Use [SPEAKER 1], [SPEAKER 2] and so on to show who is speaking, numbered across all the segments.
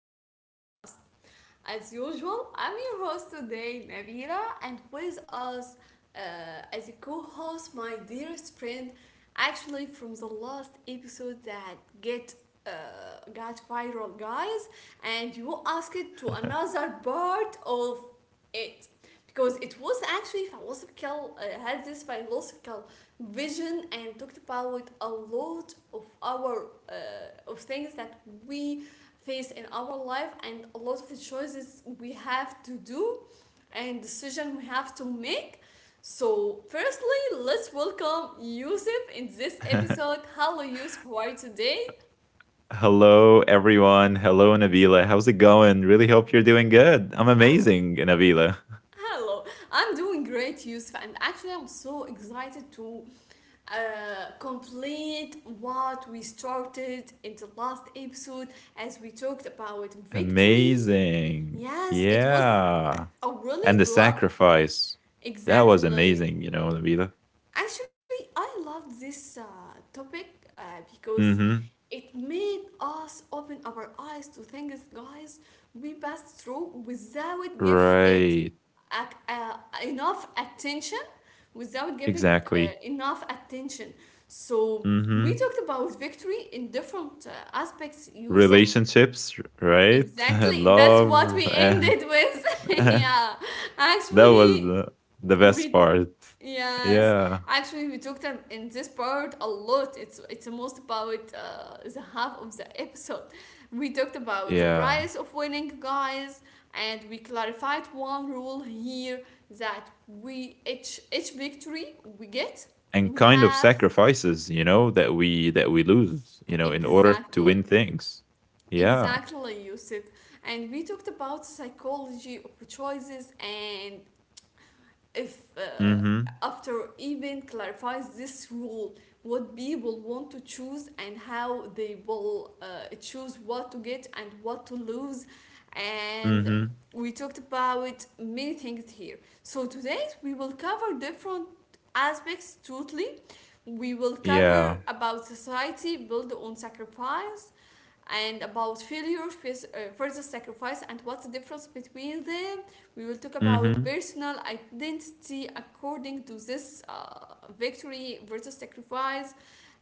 [SPEAKER 1] of our podcast. As usual, I'm your host today, Nabila, and with us uh, as a co host, my dearest friend, actually from the last episode that get got viral, guys, and you asked to another part of it because it was actually philosophical had this philosophical vision and talked about a lot of our of things that we face in our life and a lot of choices we have to do and decision we have to make. So firstly, let's welcome Yusuf in this episode. Hello, Yusuf, how are you today?
[SPEAKER 2] Hello, everyone. Hello, Nabila. How's it going? Really hope you're doing good. I'm
[SPEAKER 1] i'm
[SPEAKER 2] amazing, Nabila.
[SPEAKER 1] hello I'm doing great, Yusuf, and actually I'm so excited to complete what we started in the last episode as we talked about victory.
[SPEAKER 2] Amazing.
[SPEAKER 1] Yes, it was.
[SPEAKER 2] Yeah.
[SPEAKER 1] I
[SPEAKER 2] And
[SPEAKER 1] really
[SPEAKER 2] the
[SPEAKER 1] love
[SPEAKER 2] sacrifice. That was
[SPEAKER 1] exactly.
[SPEAKER 2] amazing, Nabila.
[SPEAKER 1] Actually, I loved this topic because
[SPEAKER 2] Mm hmm.
[SPEAKER 1] it made us open our eyes to things, guys. We passed through without give it
[SPEAKER 2] Right.
[SPEAKER 1] ac- uh, enough attention, without giving
[SPEAKER 2] Exactly.
[SPEAKER 1] enough attention. So
[SPEAKER 2] Mm hmm.
[SPEAKER 1] we talked about victory in different aspects, Yusuf.
[SPEAKER 2] Relationships, right?
[SPEAKER 1] Exactly, that's what
[SPEAKER 2] Love.
[SPEAKER 1] we ended
[SPEAKER 2] that
[SPEAKER 1] with. Yeah,
[SPEAKER 2] was
[SPEAKER 1] actually,
[SPEAKER 2] the, the best
[SPEAKER 1] we
[SPEAKER 2] part.
[SPEAKER 1] yes,
[SPEAKER 2] Yeah.
[SPEAKER 1] actually, we talked in this part a lot. It's most about the half of the episode. We talked about the
[SPEAKER 2] Yeah.
[SPEAKER 1] price of winning, guys, and we clarified one rule here that we, each victory we get,
[SPEAKER 2] And
[SPEAKER 1] we
[SPEAKER 2] kind of
[SPEAKER 1] have
[SPEAKER 2] sacrifices that we lose in order to win
[SPEAKER 1] exactly,
[SPEAKER 2] things. Yeah.
[SPEAKER 1] exactly, Yusuf, and we talked about psychology of choices and if
[SPEAKER 2] Mm-hmm.
[SPEAKER 1] after even clarifies this rule what people want to choose and how they will choose what to get and what to lose, and
[SPEAKER 2] Mm-hmm.
[SPEAKER 1] we talked about many things here. So today we will cover different aspects totally. We will cover
[SPEAKER 2] Yeah.
[SPEAKER 1] about society built on sacrifice and about failure versus sacrifice and what's the difference between them. We will talk about
[SPEAKER 2] Mm-hmm.
[SPEAKER 1] personal identity according to this victory versus sacrifice,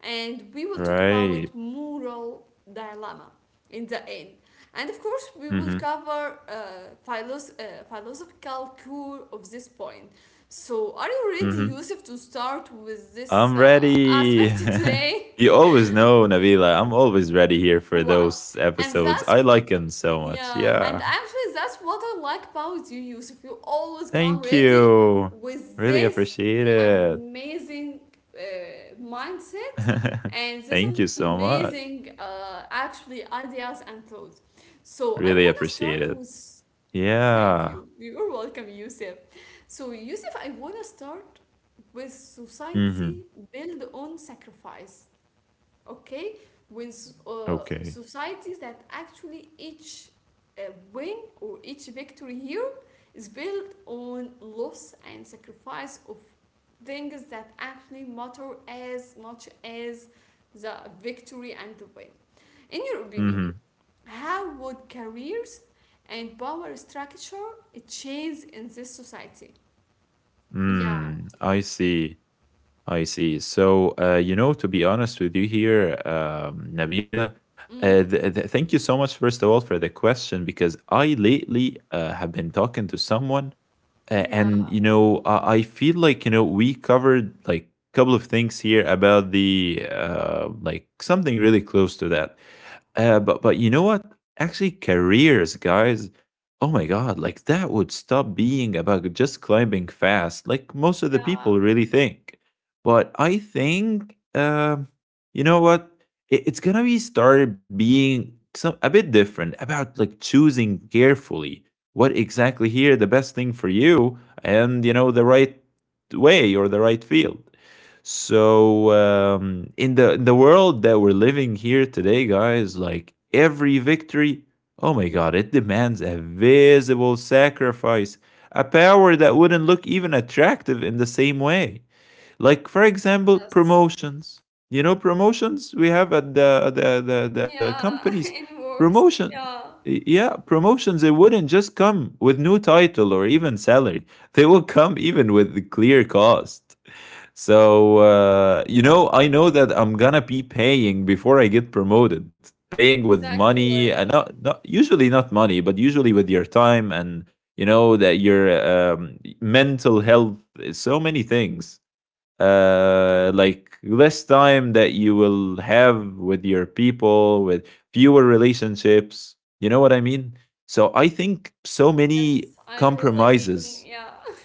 [SPEAKER 1] and we will talk about
[SPEAKER 2] Right.
[SPEAKER 1] moral dilemma in the end. And of course we will
[SPEAKER 2] Mm-hmm.
[SPEAKER 1] cover philosophical core of this point. So are you ready,
[SPEAKER 2] Mm-hmm.
[SPEAKER 1] Yusuf, to start with this
[SPEAKER 2] I'm ready.
[SPEAKER 1] aspect today?
[SPEAKER 2] You always know, Nabila, I'm always ready here for
[SPEAKER 1] Wow,
[SPEAKER 2] those
[SPEAKER 1] and
[SPEAKER 2] episodes.
[SPEAKER 1] that's
[SPEAKER 2] I like them so much.
[SPEAKER 1] yeah, and
[SPEAKER 2] Yeah.
[SPEAKER 1] actually, that's what I like about you, Yusuf. You always come
[SPEAKER 2] Thank
[SPEAKER 1] ready
[SPEAKER 2] you.
[SPEAKER 1] with
[SPEAKER 2] Really
[SPEAKER 1] this
[SPEAKER 2] appreciate it.
[SPEAKER 1] amazing mindset and this
[SPEAKER 2] Thank you so much.
[SPEAKER 1] amazing, ideas and thoughts. So, I
[SPEAKER 2] Really
[SPEAKER 1] want to
[SPEAKER 2] appreciate
[SPEAKER 1] start
[SPEAKER 2] it.
[SPEAKER 1] with thank
[SPEAKER 2] Yeah.
[SPEAKER 1] you. You're welcome, Yusuf. So, Yusuf, I want to start with
[SPEAKER 2] Mm-hmm.
[SPEAKER 1] society built on sacrifice, okay? With
[SPEAKER 2] Okay.
[SPEAKER 1] societies that actually each uh, win or each victory here is built on loss and sacrifice of things that actually matter as much as the victory and the win. In your opinion,
[SPEAKER 2] Mm-hmm.
[SPEAKER 1] how would careers and power structure change in this society? Yeah.
[SPEAKER 2] Mm, I see. I see. So, you know, to be honest with you here, Nabila,
[SPEAKER 1] Mm,
[SPEAKER 2] thank you so much, first of all, for the question, because I lately have been talking to someone. And
[SPEAKER 1] yeah.
[SPEAKER 2] you know, I feel like, you know, we covered like a couple of things here about the like something really close to that. But you know what, actually careers, guys, oh my god, like that would stop being about just climbing fast, like most of the
[SPEAKER 1] Yeah.
[SPEAKER 2] people really think. But I think, you know what, it's gonna be started being some a bit different, about like choosing carefully what exactly here the best thing for you, and you know the right way or the right field. So, in the world that we're living here today, guys, like every victory, oh my god, it demands a visible sacrifice, a power that wouldn't look even attractive in the same way. Like, for example,
[SPEAKER 1] Yes.
[SPEAKER 2] promotions. You know, promotions we have at the
[SPEAKER 1] Yeah.
[SPEAKER 2] companies.
[SPEAKER 1] It works.
[SPEAKER 2] Promotion,
[SPEAKER 1] Yeah.
[SPEAKER 2] yeah, promotions. They wouldn't just come with new title or even salary. They will come even with the clear cost. So, you know, I know that I'm gonna be paying before I get promoted. Paying with
[SPEAKER 1] Exactly.
[SPEAKER 2] money and not usually not money, but usually with your time and, you know, that your mental health. So many things, like less time that you will have with your people, with fewer relationships, you know what I mean. So I think so many
[SPEAKER 1] Yes. I really mean,
[SPEAKER 2] compromises.
[SPEAKER 1] yeah.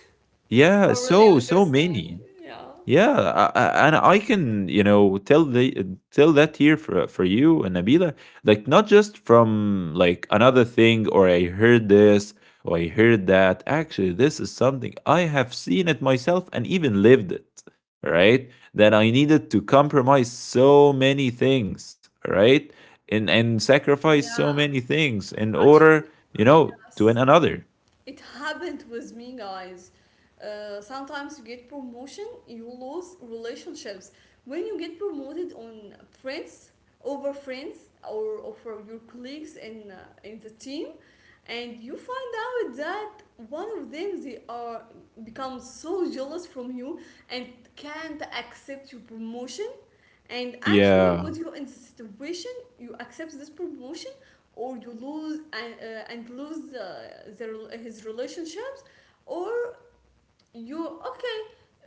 [SPEAKER 2] Yeah,
[SPEAKER 1] I really
[SPEAKER 2] so
[SPEAKER 1] understand.
[SPEAKER 2] many.
[SPEAKER 1] Yeah.
[SPEAKER 2] Yeah, and I can, you know, tell that here for you and Nabila, like not just from like another thing or I heard this or I heard that. Actually, this is something I have seen it myself and even lived it, right? That I needed to compromise so many things, right? And sacrifice so
[SPEAKER 1] Yeah,
[SPEAKER 2] many things in order,
[SPEAKER 1] actually,
[SPEAKER 2] you know, to an
[SPEAKER 1] yes.
[SPEAKER 2] another.
[SPEAKER 1] It happened with me, guys. Sometimes you get promotion, you lose relationships. When you get promoted on friends over friends or over your colleagues in the team, and you find out that one of them, they are become so jealous from you and can't accept your promotion. And actually,
[SPEAKER 2] Yeah.
[SPEAKER 1] put you in situation you accept this promotion or you lose and lose his relationships, or you okay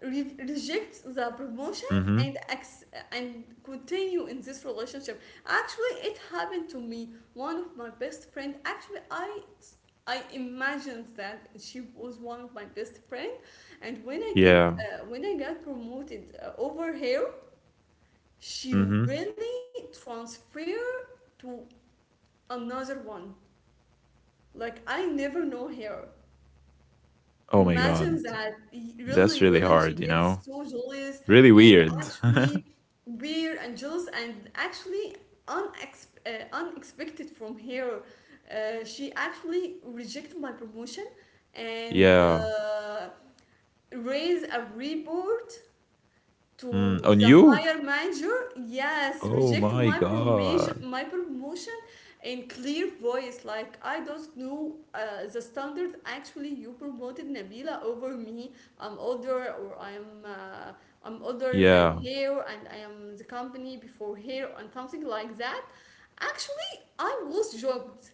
[SPEAKER 1] reject the promotion and
[SPEAKER 2] Mhm.
[SPEAKER 1] ex- and continue in this relationship. Actually, it happened to me. One of my best friend. Actually, I imagined that she was one of my best friend, and
[SPEAKER 2] Yeah.
[SPEAKER 1] when I got promoted over here, she
[SPEAKER 2] Mhm.
[SPEAKER 1] really transfer to another one. Like I never know her.
[SPEAKER 2] Oh my god.
[SPEAKER 1] Imagine that
[SPEAKER 2] That's
[SPEAKER 1] really,
[SPEAKER 2] really
[SPEAKER 1] really she
[SPEAKER 2] hard, you
[SPEAKER 1] gets
[SPEAKER 2] know?
[SPEAKER 1] so jealous
[SPEAKER 2] Really
[SPEAKER 1] and
[SPEAKER 2] weird.
[SPEAKER 1] actually weird and jealous and actually unexpected from her. She actually rejected my promotion and
[SPEAKER 2] Yeah.
[SPEAKER 1] raised a report
[SPEAKER 2] Mm.
[SPEAKER 1] to
[SPEAKER 2] On
[SPEAKER 1] the
[SPEAKER 2] you?
[SPEAKER 1] higher manager, yes,
[SPEAKER 2] Oh
[SPEAKER 1] reject
[SPEAKER 2] my God.
[SPEAKER 1] my promotion in clear voice, like, I don't know the standard. Actually, you promoted Nabila over me. i'm older or i'm uh, I'm older than
[SPEAKER 2] Yeah.
[SPEAKER 1] her and I am the company before her, and something like that. Actually, I was shocked.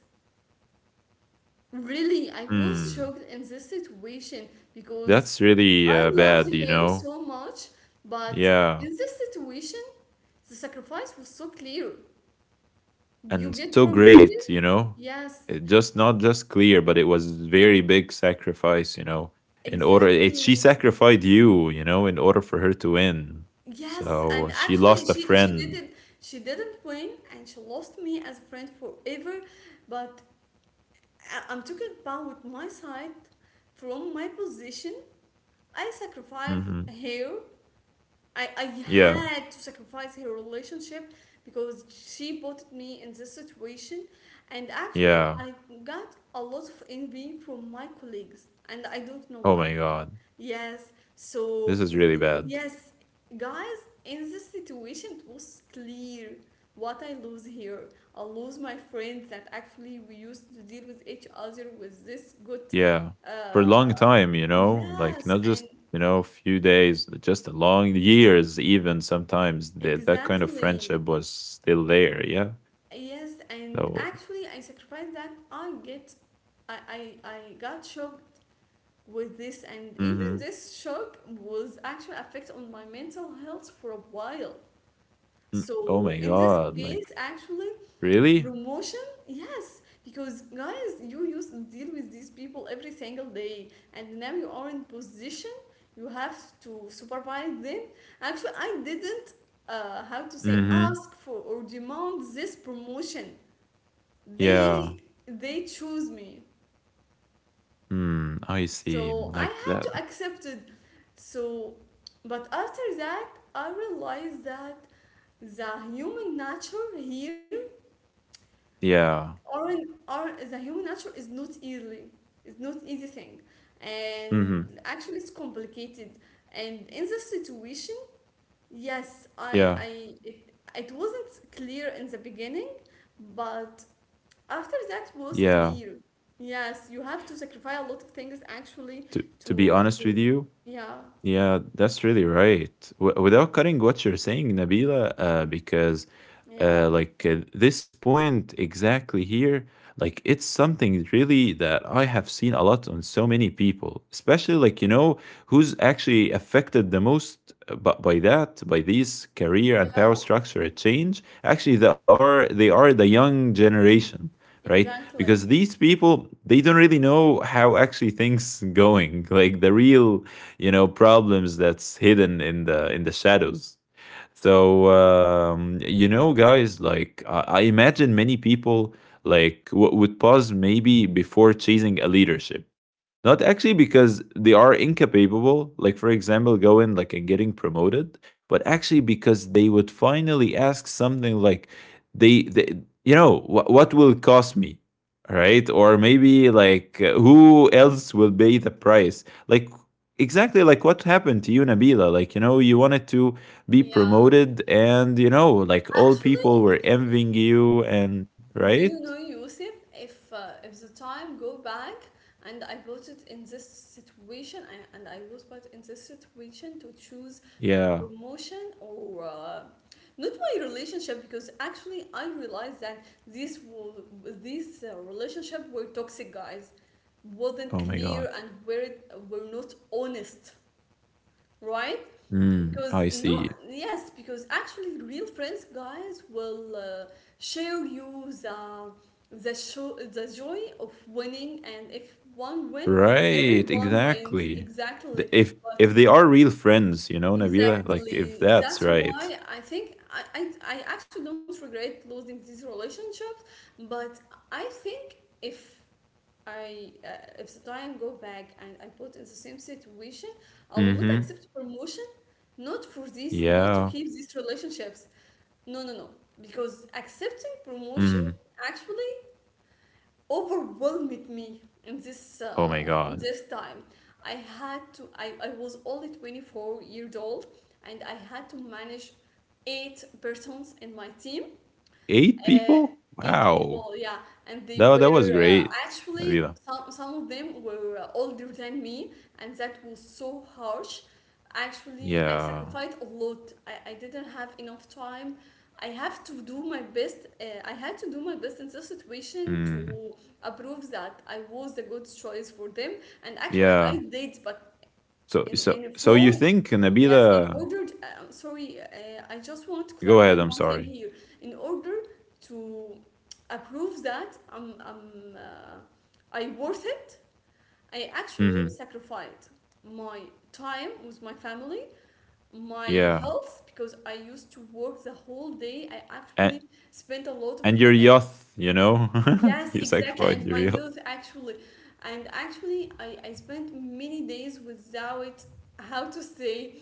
[SPEAKER 1] Really, I was
[SPEAKER 2] Mm.
[SPEAKER 1] shocked in this situation because
[SPEAKER 2] That's really
[SPEAKER 1] I loved
[SPEAKER 2] bad, you
[SPEAKER 1] her
[SPEAKER 2] know?
[SPEAKER 1] so much, but
[SPEAKER 2] Yeah.
[SPEAKER 1] in this situation, the sacrifice was so clear. You
[SPEAKER 2] And so
[SPEAKER 1] get
[SPEAKER 2] great,
[SPEAKER 1] promoted?
[SPEAKER 2] you know?
[SPEAKER 1] Yes,
[SPEAKER 2] It just Not just clear, but it was very big sacrifice, you know? In order, she
[SPEAKER 1] exactly.
[SPEAKER 2] sacrificed you, you know, in order for her to win.
[SPEAKER 1] Yes,
[SPEAKER 2] So
[SPEAKER 1] and
[SPEAKER 2] she
[SPEAKER 1] actually
[SPEAKER 2] lost a
[SPEAKER 1] she she
[SPEAKER 2] friend.
[SPEAKER 1] didn't win and she lost me as a friend forever, but I'm talking about my side from my position. I sacrificed
[SPEAKER 2] Hmm.
[SPEAKER 1] her. I
[SPEAKER 2] Yeah.
[SPEAKER 1] had to sacrifice her relationship because she put me in this situation, and actually
[SPEAKER 2] Yeah.
[SPEAKER 1] I got a lot of envy from my colleagues and I don't know
[SPEAKER 2] Oh
[SPEAKER 1] why.
[SPEAKER 2] my God.
[SPEAKER 1] Yes, so
[SPEAKER 2] This is
[SPEAKER 1] y-
[SPEAKER 2] really bad.
[SPEAKER 1] yes, guys, in this situation it was clear what I lose here. I lose my friends that actually we used to deal with each other with this good
[SPEAKER 2] Yeah. For a long
[SPEAKER 1] uh
[SPEAKER 2] time, you know, like
[SPEAKER 1] yes
[SPEAKER 2] not just,
[SPEAKER 1] and
[SPEAKER 2] you know, a few days, just a long years, even sometimes that that kind of
[SPEAKER 1] exactly.
[SPEAKER 2] friendship was still there. Yeah.
[SPEAKER 1] Yes, and
[SPEAKER 2] So,
[SPEAKER 1] actually, I sacrificed that. I get, I got shocked with this, and even
[SPEAKER 2] mm-hmm.
[SPEAKER 1] this shock was actually affect on my mental health for a while.
[SPEAKER 2] Oh my
[SPEAKER 1] So in this
[SPEAKER 2] God. Like,
[SPEAKER 1] case, actually,
[SPEAKER 2] really?
[SPEAKER 1] promotion, yes, because guys, you used to deal with these people every single day, and now you are in position. You have to supervise them. Actually, I didn't, how to say,
[SPEAKER 2] Mm-hmm.
[SPEAKER 1] ask for or demand this promotion.
[SPEAKER 2] Yeah.
[SPEAKER 1] They they choose me,
[SPEAKER 2] Hmm. I see.
[SPEAKER 1] so I
[SPEAKER 2] Like
[SPEAKER 1] had
[SPEAKER 2] that.
[SPEAKER 1] to accept it. So, but after that I realized that the human nature here,
[SPEAKER 2] Yeah.
[SPEAKER 1] or, or the human nature is not easy. It's not easy thing,
[SPEAKER 2] Mm-hmm.
[SPEAKER 1] and actually it's complicated. And in this situation, yes
[SPEAKER 2] Yeah.
[SPEAKER 1] I it, it wasn't clear in the beginning, but after that was
[SPEAKER 2] Yeah.
[SPEAKER 1] clear. Yes, you have to sacrifice a lot of things, actually,
[SPEAKER 2] To be honest
[SPEAKER 1] to
[SPEAKER 2] with you,
[SPEAKER 1] yeah,
[SPEAKER 2] yeah, that's really right. Without cutting what you're saying, Nabila, because
[SPEAKER 1] yeah,
[SPEAKER 2] like this point exactly here, like it's something really that I have seen a lot on so many people, especially like, you know, who's actually affected the most, by that, by these career and power
[SPEAKER 1] yeah,
[SPEAKER 2] structure change. Actually, they are the young generation, right? Because
[SPEAKER 1] exactly,
[SPEAKER 2] these people they don't really know how actually things going, like the real, you know, problems that's hidden in the shadows. So, you know, guys, like I imagine many people like would pause maybe before chasing a leadership, not actually because they are incapable, like for example, going like and getting promoted, but actually because they would finally ask something like, they you know, what will cost me? Right? Or maybe like, who else will pay the price? Like, exactly like what happened to you, Nabila. Like, you know, you wanted to be
[SPEAKER 1] yeah,
[SPEAKER 2] promoted and, you know, like all
[SPEAKER 1] actually.
[SPEAKER 2] people were envying you and,
[SPEAKER 1] Do
[SPEAKER 2] right?
[SPEAKER 1] you know, Yusuf, if the time go back and I put it in this situation and I was put in this situation to choose my
[SPEAKER 2] Yeah.
[SPEAKER 1] promotion or not my relationship, because actually I realized that this relationship were toxic, guys, wasn't
[SPEAKER 2] Oh my God.
[SPEAKER 1] clear and were not honest, right?
[SPEAKER 2] Mm,
[SPEAKER 1] Because
[SPEAKER 2] I
[SPEAKER 1] no,
[SPEAKER 2] see.
[SPEAKER 1] yes, because actually, real friends, guys, will share you the show the joy of winning, and if one win,
[SPEAKER 2] Right,
[SPEAKER 1] everyone wins.
[SPEAKER 2] exactly.
[SPEAKER 1] Exactly,
[SPEAKER 2] The- If
[SPEAKER 1] but
[SPEAKER 2] if they are real friends, you know, Nabila, like if
[SPEAKER 1] exactly
[SPEAKER 2] that's
[SPEAKER 1] that's
[SPEAKER 2] right.
[SPEAKER 1] why I think I actually don't regret losing these relationships, but I think if. I if the time go back and I put in the same situation, I will not
[SPEAKER 2] Mm-hmm.
[SPEAKER 1] accept promotion, not for this, not to
[SPEAKER 2] Yeah.
[SPEAKER 1] keep these relationships. No, no, no. Because accepting promotion
[SPEAKER 2] Mm.
[SPEAKER 1] actually overwhelmed me in this
[SPEAKER 2] Oh my
[SPEAKER 1] uh, in
[SPEAKER 2] god.
[SPEAKER 1] this time. I had to. I was only 24 years old, and I had to manage eight persons in my team,
[SPEAKER 2] Eight
[SPEAKER 1] uh,
[SPEAKER 2] people?
[SPEAKER 1] eight
[SPEAKER 2] Wow.
[SPEAKER 1] people, yeah, and they
[SPEAKER 2] That
[SPEAKER 1] were
[SPEAKER 2] that was great,
[SPEAKER 1] uh, actually
[SPEAKER 2] Nabila.
[SPEAKER 1] some some of them were older than me, and that was so harsh. Actually, I
[SPEAKER 2] Yeah.
[SPEAKER 1] sacrificed a lot. I didn't have enough time. I have to do my best. I had to do my best in this situation
[SPEAKER 2] Mm.
[SPEAKER 1] to approve that I was the good choice for them. And actually,
[SPEAKER 2] Yeah.
[SPEAKER 1] I did, but
[SPEAKER 2] So so
[SPEAKER 1] in a
[SPEAKER 2] so you
[SPEAKER 1] wrong.
[SPEAKER 2] think,
[SPEAKER 1] Yes, in
[SPEAKER 2] Nabila.
[SPEAKER 1] order, sorry, I just want to
[SPEAKER 2] Go
[SPEAKER 1] clarify
[SPEAKER 2] ahead, I'm
[SPEAKER 1] one thing
[SPEAKER 2] sorry.
[SPEAKER 1] here. In order to approve that I worth it, I actually
[SPEAKER 2] Mm-hmm.
[SPEAKER 1] sacrificed my time with my family, my
[SPEAKER 2] Yeah.
[SPEAKER 1] health, because I used to work the whole day. I
[SPEAKER 2] And
[SPEAKER 1] actually spent a lot of
[SPEAKER 2] and
[SPEAKER 1] the,
[SPEAKER 2] your youth, you know?
[SPEAKER 1] yes,
[SPEAKER 2] You
[SPEAKER 1] exactly,
[SPEAKER 2] sacrificed
[SPEAKER 1] and
[SPEAKER 2] your
[SPEAKER 1] my
[SPEAKER 2] youth.
[SPEAKER 1] youth actually. And actually, I spent many days without how to say,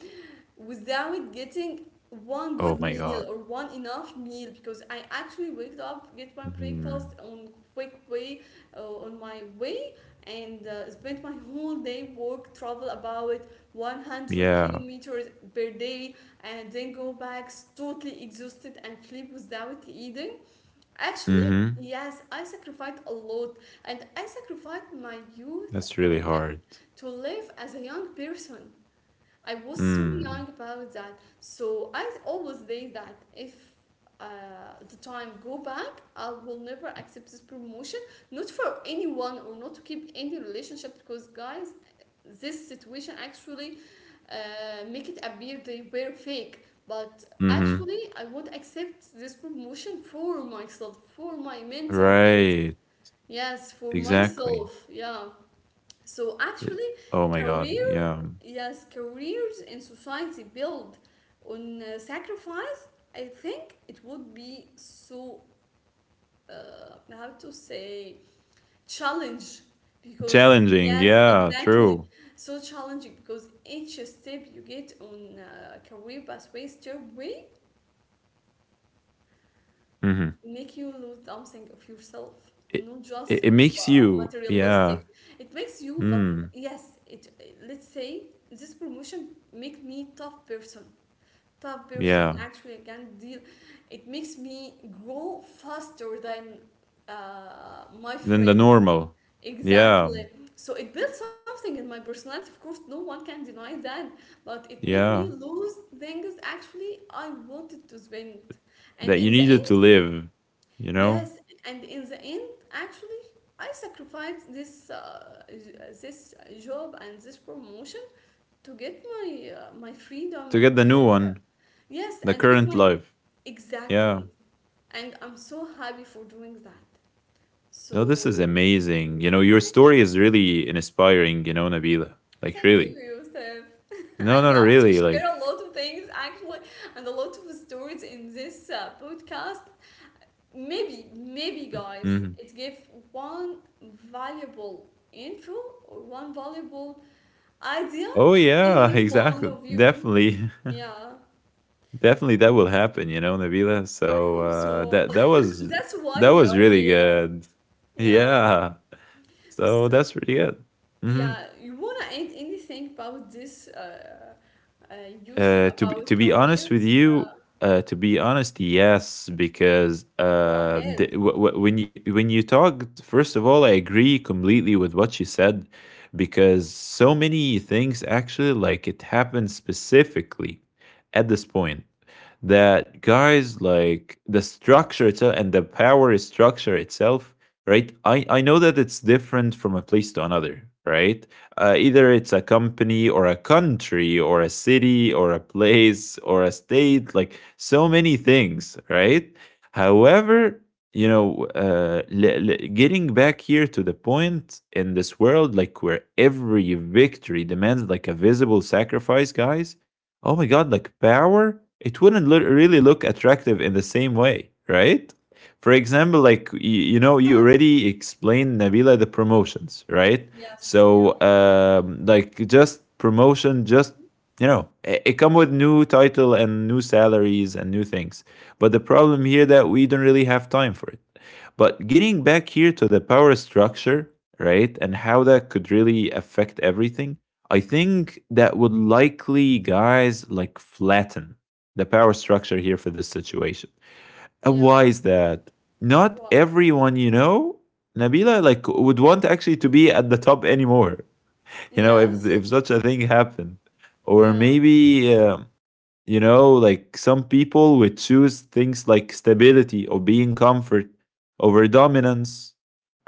[SPEAKER 1] without getting one
[SPEAKER 2] Oh
[SPEAKER 1] good
[SPEAKER 2] my
[SPEAKER 1] meal
[SPEAKER 2] god.
[SPEAKER 1] or one enough meal, because I actually waked up, get my breakfast
[SPEAKER 2] Hmm.
[SPEAKER 1] on quick way, on my way, and spent my whole day work travel about 100
[SPEAKER 2] Yeah.
[SPEAKER 1] kilometers per day, and then go back totally exhausted and sleep without eating. Actually,
[SPEAKER 2] Hmm.
[SPEAKER 1] yes, I sacrificed a lot, and I sacrificed my youth
[SPEAKER 2] That's
[SPEAKER 1] and
[SPEAKER 2] really hard.
[SPEAKER 1] to live as a young person. I was so young
[SPEAKER 2] Mm.
[SPEAKER 1] about that. So I always think that if the time go back, I will never accept this promotion. Not for anyone or not to keep any relationship because guys, this situation actually make it appear they were fake. But
[SPEAKER 2] Mhm.
[SPEAKER 1] actually, I won't accept this promotion for myself, for my mental health.
[SPEAKER 2] Right.
[SPEAKER 1] Yes, for
[SPEAKER 2] Exactly.
[SPEAKER 1] myself. Yeah. So
[SPEAKER 2] It,
[SPEAKER 1] actually,
[SPEAKER 2] oh my god.
[SPEAKER 1] career,
[SPEAKER 2] Yeah.
[SPEAKER 1] yes, careers in society built on sacrifice, I think it would be so, how to say, challenge, because
[SPEAKER 2] Challenging.
[SPEAKER 1] yes,
[SPEAKER 2] Yeah,
[SPEAKER 1] exactly,
[SPEAKER 2] true.
[SPEAKER 1] so challenging, because each step you get on career pathway stairway
[SPEAKER 2] Mhm.
[SPEAKER 1] make you lose something of yourself,
[SPEAKER 2] It,
[SPEAKER 1] not just
[SPEAKER 2] it
[SPEAKER 1] of
[SPEAKER 2] makes you. Yeah.
[SPEAKER 1] materialistic. It makes you, but
[SPEAKER 2] Mm.
[SPEAKER 1] yes, it. Let's say this promotion make me tough person. Tough person.
[SPEAKER 2] Yeah.
[SPEAKER 1] Actually, I can deal. It makes me grow faster than my
[SPEAKER 2] Than the
[SPEAKER 1] friend.
[SPEAKER 2] normal. Yeah.
[SPEAKER 1] Exactly. So it built something in my personality. Of course, no one can deny that. But it made me
[SPEAKER 2] Yeah.
[SPEAKER 1] lose things actually I wanted to spend. And
[SPEAKER 2] That
[SPEAKER 1] in
[SPEAKER 2] you
[SPEAKER 1] the
[SPEAKER 2] needed
[SPEAKER 1] end.
[SPEAKER 2] to live, you know?
[SPEAKER 1] Yes, and in the end, actually, I sacrificed this job and this promotion to get my freedom
[SPEAKER 2] To get
[SPEAKER 1] and
[SPEAKER 2] the
[SPEAKER 1] to
[SPEAKER 2] new
[SPEAKER 1] get
[SPEAKER 2] one,
[SPEAKER 1] yes,
[SPEAKER 2] the
[SPEAKER 1] and to get
[SPEAKER 2] current
[SPEAKER 1] my
[SPEAKER 2] life. Yeah.
[SPEAKER 1] exactly. And I'm so happy for doing that.
[SPEAKER 2] No, this is
[SPEAKER 1] So
[SPEAKER 2] amazing. You know, your
[SPEAKER 1] thank
[SPEAKER 2] story
[SPEAKER 1] you,
[SPEAKER 2] is really inspiring, you know, Nabila. Like
[SPEAKER 1] thank you,
[SPEAKER 2] really.
[SPEAKER 1] Yusuf.
[SPEAKER 2] No,
[SPEAKER 1] I'd
[SPEAKER 2] no, no,
[SPEAKER 1] love to
[SPEAKER 2] really. Like,
[SPEAKER 1] share a lot of things actually, and a lot of stories in this podcast. Maybe
[SPEAKER 2] mm,
[SPEAKER 1] guys
[SPEAKER 2] mhm.
[SPEAKER 1] it gave one valuable info or one valuable idea
[SPEAKER 2] Oh,
[SPEAKER 1] to
[SPEAKER 2] yeah,
[SPEAKER 1] any one
[SPEAKER 2] exactly.
[SPEAKER 1] of you,
[SPEAKER 2] Definitely,
[SPEAKER 1] yeah.
[SPEAKER 2] definitely that will happen, you know, Nabila.
[SPEAKER 1] I
[SPEAKER 2] So,
[SPEAKER 1] hope so. That's why
[SPEAKER 2] that
[SPEAKER 1] we
[SPEAKER 2] was
[SPEAKER 1] are
[SPEAKER 2] really
[SPEAKER 1] here,
[SPEAKER 2] good.
[SPEAKER 1] yeah.
[SPEAKER 2] Yeah. So
[SPEAKER 1] So
[SPEAKER 2] that's really good. Hmm.
[SPEAKER 1] yeah, you want to add anything about this uh Yusuf,
[SPEAKER 2] Uh, to be
[SPEAKER 1] about
[SPEAKER 2] to be honest with
[SPEAKER 1] careers,
[SPEAKER 2] you,
[SPEAKER 1] yeah?
[SPEAKER 2] to be honest, yes, because
[SPEAKER 1] Go ahead.
[SPEAKER 2] when you talked, first of all, I agree completely with what you said, because so many things actually like it happened specifically at this point, that, guys, like the structure itself and the power structure itself, right? I know that it's different from a place to another, right? Either it's a company or a country or a city or a place or a state, like so many things, right? However, you know, getting back here to the point, in this world like where every victory demands like a visible sacrifice, guys. Oh my god, like power, it wouldn't really look attractive in the same way, right? For example, like you know,
[SPEAKER 1] Yes,
[SPEAKER 2] you already explained, Nabila, the promotions, right?
[SPEAKER 1] yes, yeah,
[SPEAKER 2] So, like just promotion, just, you know, it come with new title and new salaries and new things. But the problem here that we don't really have time for it. But getting back here to the power structure, right, and how that could really affect everything. I think that would likely, guys, like flatten the power structure here for this situation. And
[SPEAKER 1] yeah.
[SPEAKER 2] why is that?
[SPEAKER 1] Why?
[SPEAKER 2] Not everyone, you know, Nabila, like would want actually to be at the top anymore. You know,
[SPEAKER 1] Yes.
[SPEAKER 2] if such a thing happened, or
[SPEAKER 1] Yeah,
[SPEAKER 2] maybe you know, like some people would choose things like stability or being comfort over dominance,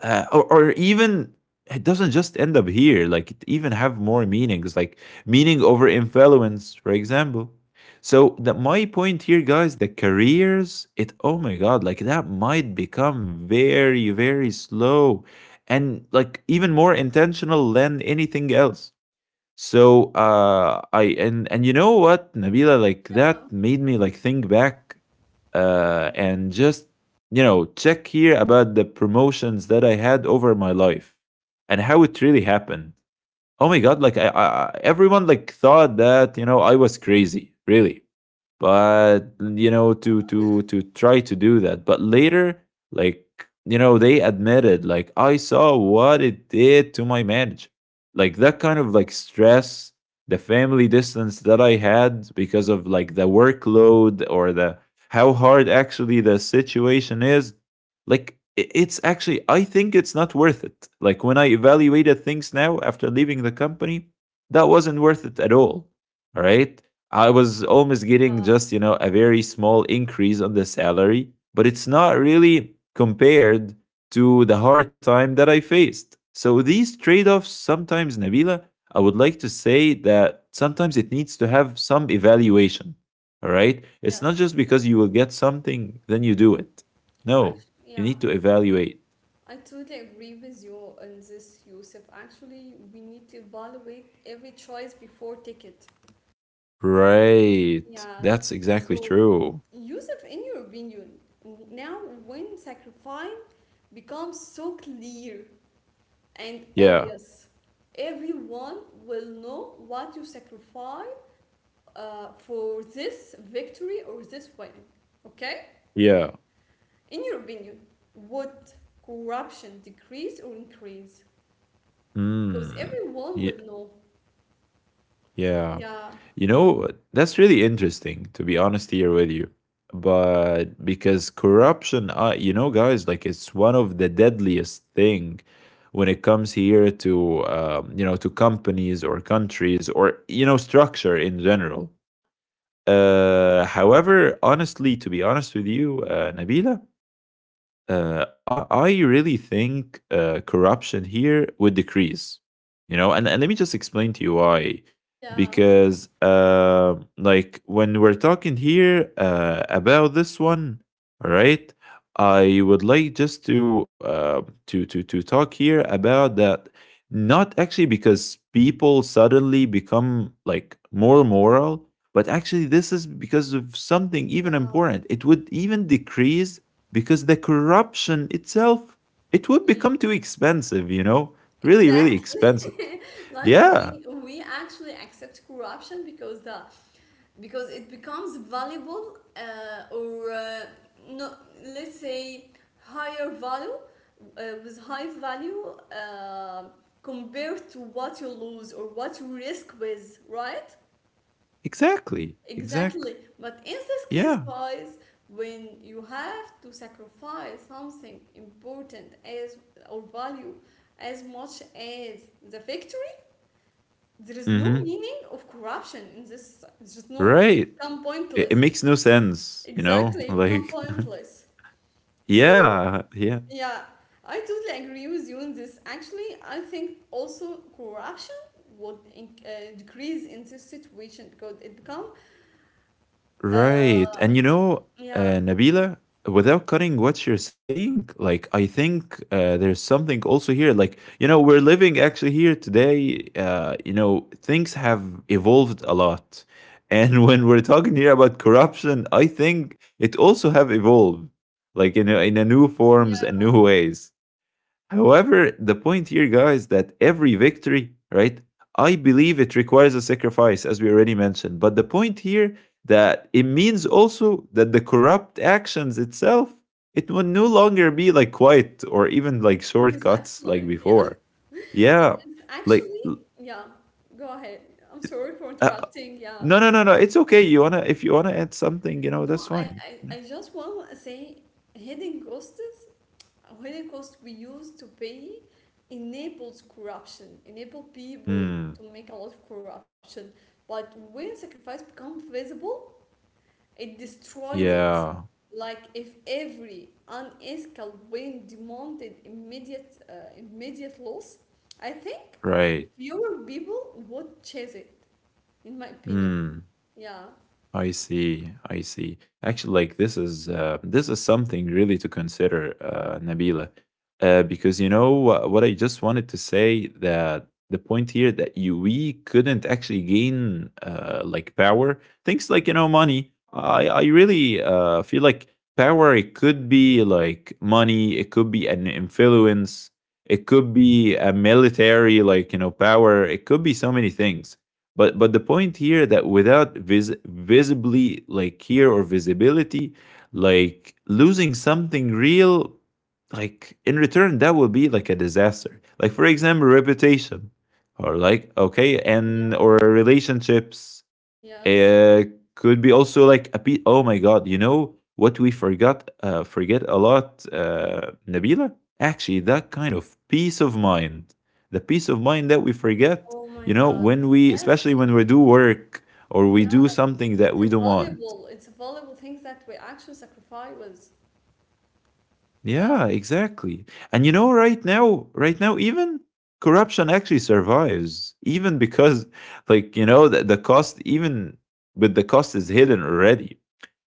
[SPEAKER 2] or even it doesn't just end up here. Like it even have more meanings, like meaning over influence, for example. So that my point here, guys, the careers, it oh my god, like that might become very, very slow, and like even more intentional than anything else. So, I and you know what, Nabila, like that made me like think back, and just, you know, check here about the promotions that I had over my life and how it really happened. Oh my God, like everyone like thought that, you know, I was crazy, really, but you know, to try to do that, but later, like, you know, they admitted, like I saw what it did to my manager, like that kind of like stress, the family distance that I had because of like the workload or the how hard actually the situation is. Like, it's actually, I think, it's not worth it, like when I evaluated things now after leaving the company, that wasn't worth it at all. All right. I was almost getting
[SPEAKER 1] yeah,
[SPEAKER 2] just, you know, a very small increase on the salary, but it's not really compared to the hard time that I faced. So these trade offs, sometimes, Nabila, I would like to say that sometimes it needs to have some evaluation. All right. It's not
[SPEAKER 1] yes,
[SPEAKER 2] just
[SPEAKER 1] yes.
[SPEAKER 2] because you will get something, then you do it. No,
[SPEAKER 1] Act-
[SPEAKER 2] you
[SPEAKER 1] yeah,
[SPEAKER 2] need to evaluate.
[SPEAKER 1] I totally agree with you on this, Yusuf. Actually, we need to evaluate every choice before ticket.
[SPEAKER 2] Right.
[SPEAKER 1] Yeah.
[SPEAKER 2] That's exactly
[SPEAKER 1] So,
[SPEAKER 2] true.
[SPEAKER 1] Yusuf, in your opinion, now when sacrifice becomes so clear and
[SPEAKER 2] Yeah.
[SPEAKER 1] obvious, everyone will know what you sacrifice for this victory or this win. Okay?
[SPEAKER 2] Yeah.
[SPEAKER 1] In your opinion, would corruption decrease or increase? Because
[SPEAKER 2] Mm.
[SPEAKER 1] everyone
[SPEAKER 2] Yeah.
[SPEAKER 1] would know.
[SPEAKER 2] Yeah.
[SPEAKER 1] Yeah,
[SPEAKER 2] You know, that's really interesting, to be honest here with you. But because corruption, you know, guys, like it's one of the deadliest thing when it comes here to, you know, to companies or countries or, you know, structure in general. However, honestly, to be honest with you, Nabila, I really think corruption here would decrease. You know, and let me just explain to you why.
[SPEAKER 1] yeah,
[SPEAKER 2] Because, like, when we're talking here about this one, all right, I would like just to to talk here about that. Not actually because people suddenly become like more moral, but actually this is because of something even
[SPEAKER 1] yeah.
[SPEAKER 2] important. It would even decrease because the corruption itself it would become too expensive, you know, really, really
[SPEAKER 1] Exactly.
[SPEAKER 2] expensive.
[SPEAKER 1] Like
[SPEAKER 2] Yeah,
[SPEAKER 1] we we actually accept corruption because the because it becomes valuable or no, let's say higher value with high value uh, compared to what you lose or what you risk with, right?
[SPEAKER 2] exactly, exactly.
[SPEAKER 1] Exactly. But in this case,
[SPEAKER 2] Yeah.
[SPEAKER 1] guys, when you have to sacrifice something important as or value as much as the victory, there is no
[SPEAKER 2] Hmm.
[SPEAKER 1] meaning of corruption in this. It's just no, it
[SPEAKER 2] Right.
[SPEAKER 1] become
[SPEAKER 2] It
[SPEAKER 1] pointless.
[SPEAKER 2] makes no sense, you know,
[SPEAKER 1] Exactly, it become
[SPEAKER 2] like.
[SPEAKER 1] pointless. So,
[SPEAKER 2] Yeah, yeah.
[SPEAKER 1] yeah, I totally agree with you on this. Actually, I think also corruption would in, decrease in this situation because it become, uh,
[SPEAKER 2] Right. And you know,
[SPEAKER 1] yeah.
[SPEAKER 2] Nabila, without cutting what you're saying, like, I think there's something also here. Like, you know, we're living actually here today. You know, things have evolved a lot. And when we're talking here about corruption, I think it also have evolved, like, you know, in a new forms and
[SPEAKER 1] Yeah.
[SPEAKER 2] new ways. However, the point here, guys, that every victory, right? I believe it requires a sacrifice, as we already mentioned. But the point here that it means also that the corrupt actions itself, it will no longer be like quiet or even like shortcuts
[SPEAKER 1] Exactly.
[SPEAKER 2] like
[SPEAKER 1] Yeah.
[SPEAKER 2] before. Yeah,
[SPEAKER 1] Yes.
[SPEAKER 2] like
[SPEAKER 1] Actually, yeah. Go ahead. I'm sorry for
[SPEAKER 2] uh,
[SPEAKER 1] interrupting. Yeah.
[SPEAKER 2] no, no, no, no. It's okay. You wanna if you wanna add something, you know, that's
[SPEAKER 1] No,
[SPEAKER 2] fine. Yeah.
[SPEAKER 1] I just want to say hidden costs, hidden costs we used to pay enables corruption, enable people
[SPEAKER 2] Hmm.
[SPEAKER 1] to make a lot of corruption. But when sacrifice becomes visible, it destroys it.
[SPEAKER 2] Yeah.
[SPEAKER 1] Like if every unethical win demanded immediate loss, I think
[SPEAKER 2] Right.
[SPEAKER 1] fewer people would chase it. In my opinion,
[SPEAKER 2] Hmm.
[SPEAKER 1] yeah,
[SPEAKER 2] I see. I see. Actually, like this is something really to consider, Nabila, because you know what I just wanted to say that the point here that you we couldn't actually gain like power things like you know money. I really feel like power it could be like money, it could be an influence, it could be a military like you know power, it could be so many things but the point here that without visibly like here or visibility, like losing something real, like in return that will be like a disaster. Like for example, reputation, or like okay, and or
[SPEAKER 1] yeah,
[SPEAKER 2] relationships,
[SPEAKER 1] yes.
[SPEAKER 2] uh, could be also like a piece. Oh my god! You know what we forgot? Forget a lot, Nabila. Actually, that kind of peace of mind, the peace of mind that we forget.
[SPEAKER 1] Oh my
[SPEAKER 2] You know,
[SPEAKER 1] God,
[SPEAKER 2] when we,
[SPEAKER 1] yes,
[SPEAKER 2] especially
[SPEAKER 1] it's,
[SPEAKER 2] when we do work or we
[SPEAKER 1] yeah.
[SPEAKER 2] do something that
[SPEAKER 1] It's
[SPEAKER 2] we
[SPEAKER 1] a
[SPEAKER 2] don't want.
[SPEAKER 1] valuable. It's a valuable things that we actually sacrifice. Was yeah,
[SPEAKER 2] Yeah, exactly. And you know, right now, right now, even corruption actually survives, even because, like, you know, the cost, even with the cost is hidden already.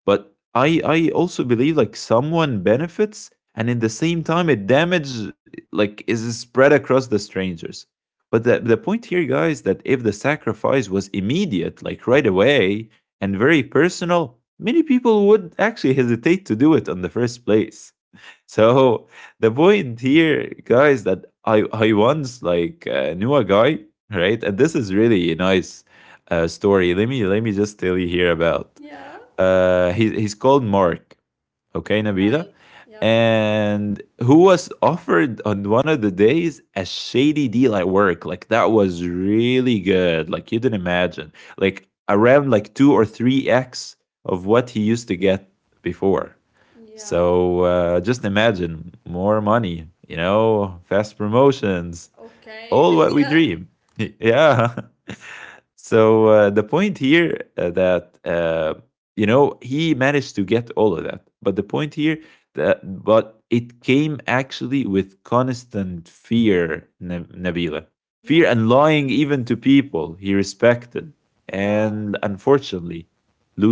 [SPEAKER 2] But I also believe like someone benefits and in the same time it damage like is spread across the strangers. But the point here, guys, that if the sacrifice was immediate, like right away, and very personal, many people would actually hesitate to do it in the first place. So the point here, guys, that I once like knew a guy, right? And this is really a nice story. Let me just tell you here about.
[SPEAKER 1] yeah,
[SPEAKER 2] He's called Mark. Okay, Nabila.
[SPEAKER 1] right, yeah,
[SPEAKER 2] And who was offered on one of the days a shady deal at work. Like that was really good. Like you didn't imagine. Like around like two or three X of what he used to get before.
[SPEAKER 1] yeah.
[SPEAKER 2] So just imagine more money, you know, fast promotions, all
[SPEAKER 1] Okay,
[SPEAKER 2] what we
[SPEAKER 1] yeah.
[SPEAKER 2] dream. Yeah. So the point here that you know he managed to get all of that, but the point here that but it came actually with constant fear, Nabila, fear
[SPEAKER 1] Yes,
[SPEAKER 2] and lying even to
[SPEAKER 1] yes.
[SPEAKER 2] people he respected,
[SPEAKER 1] Yeah.
[SPEAKER 2] and unfortunately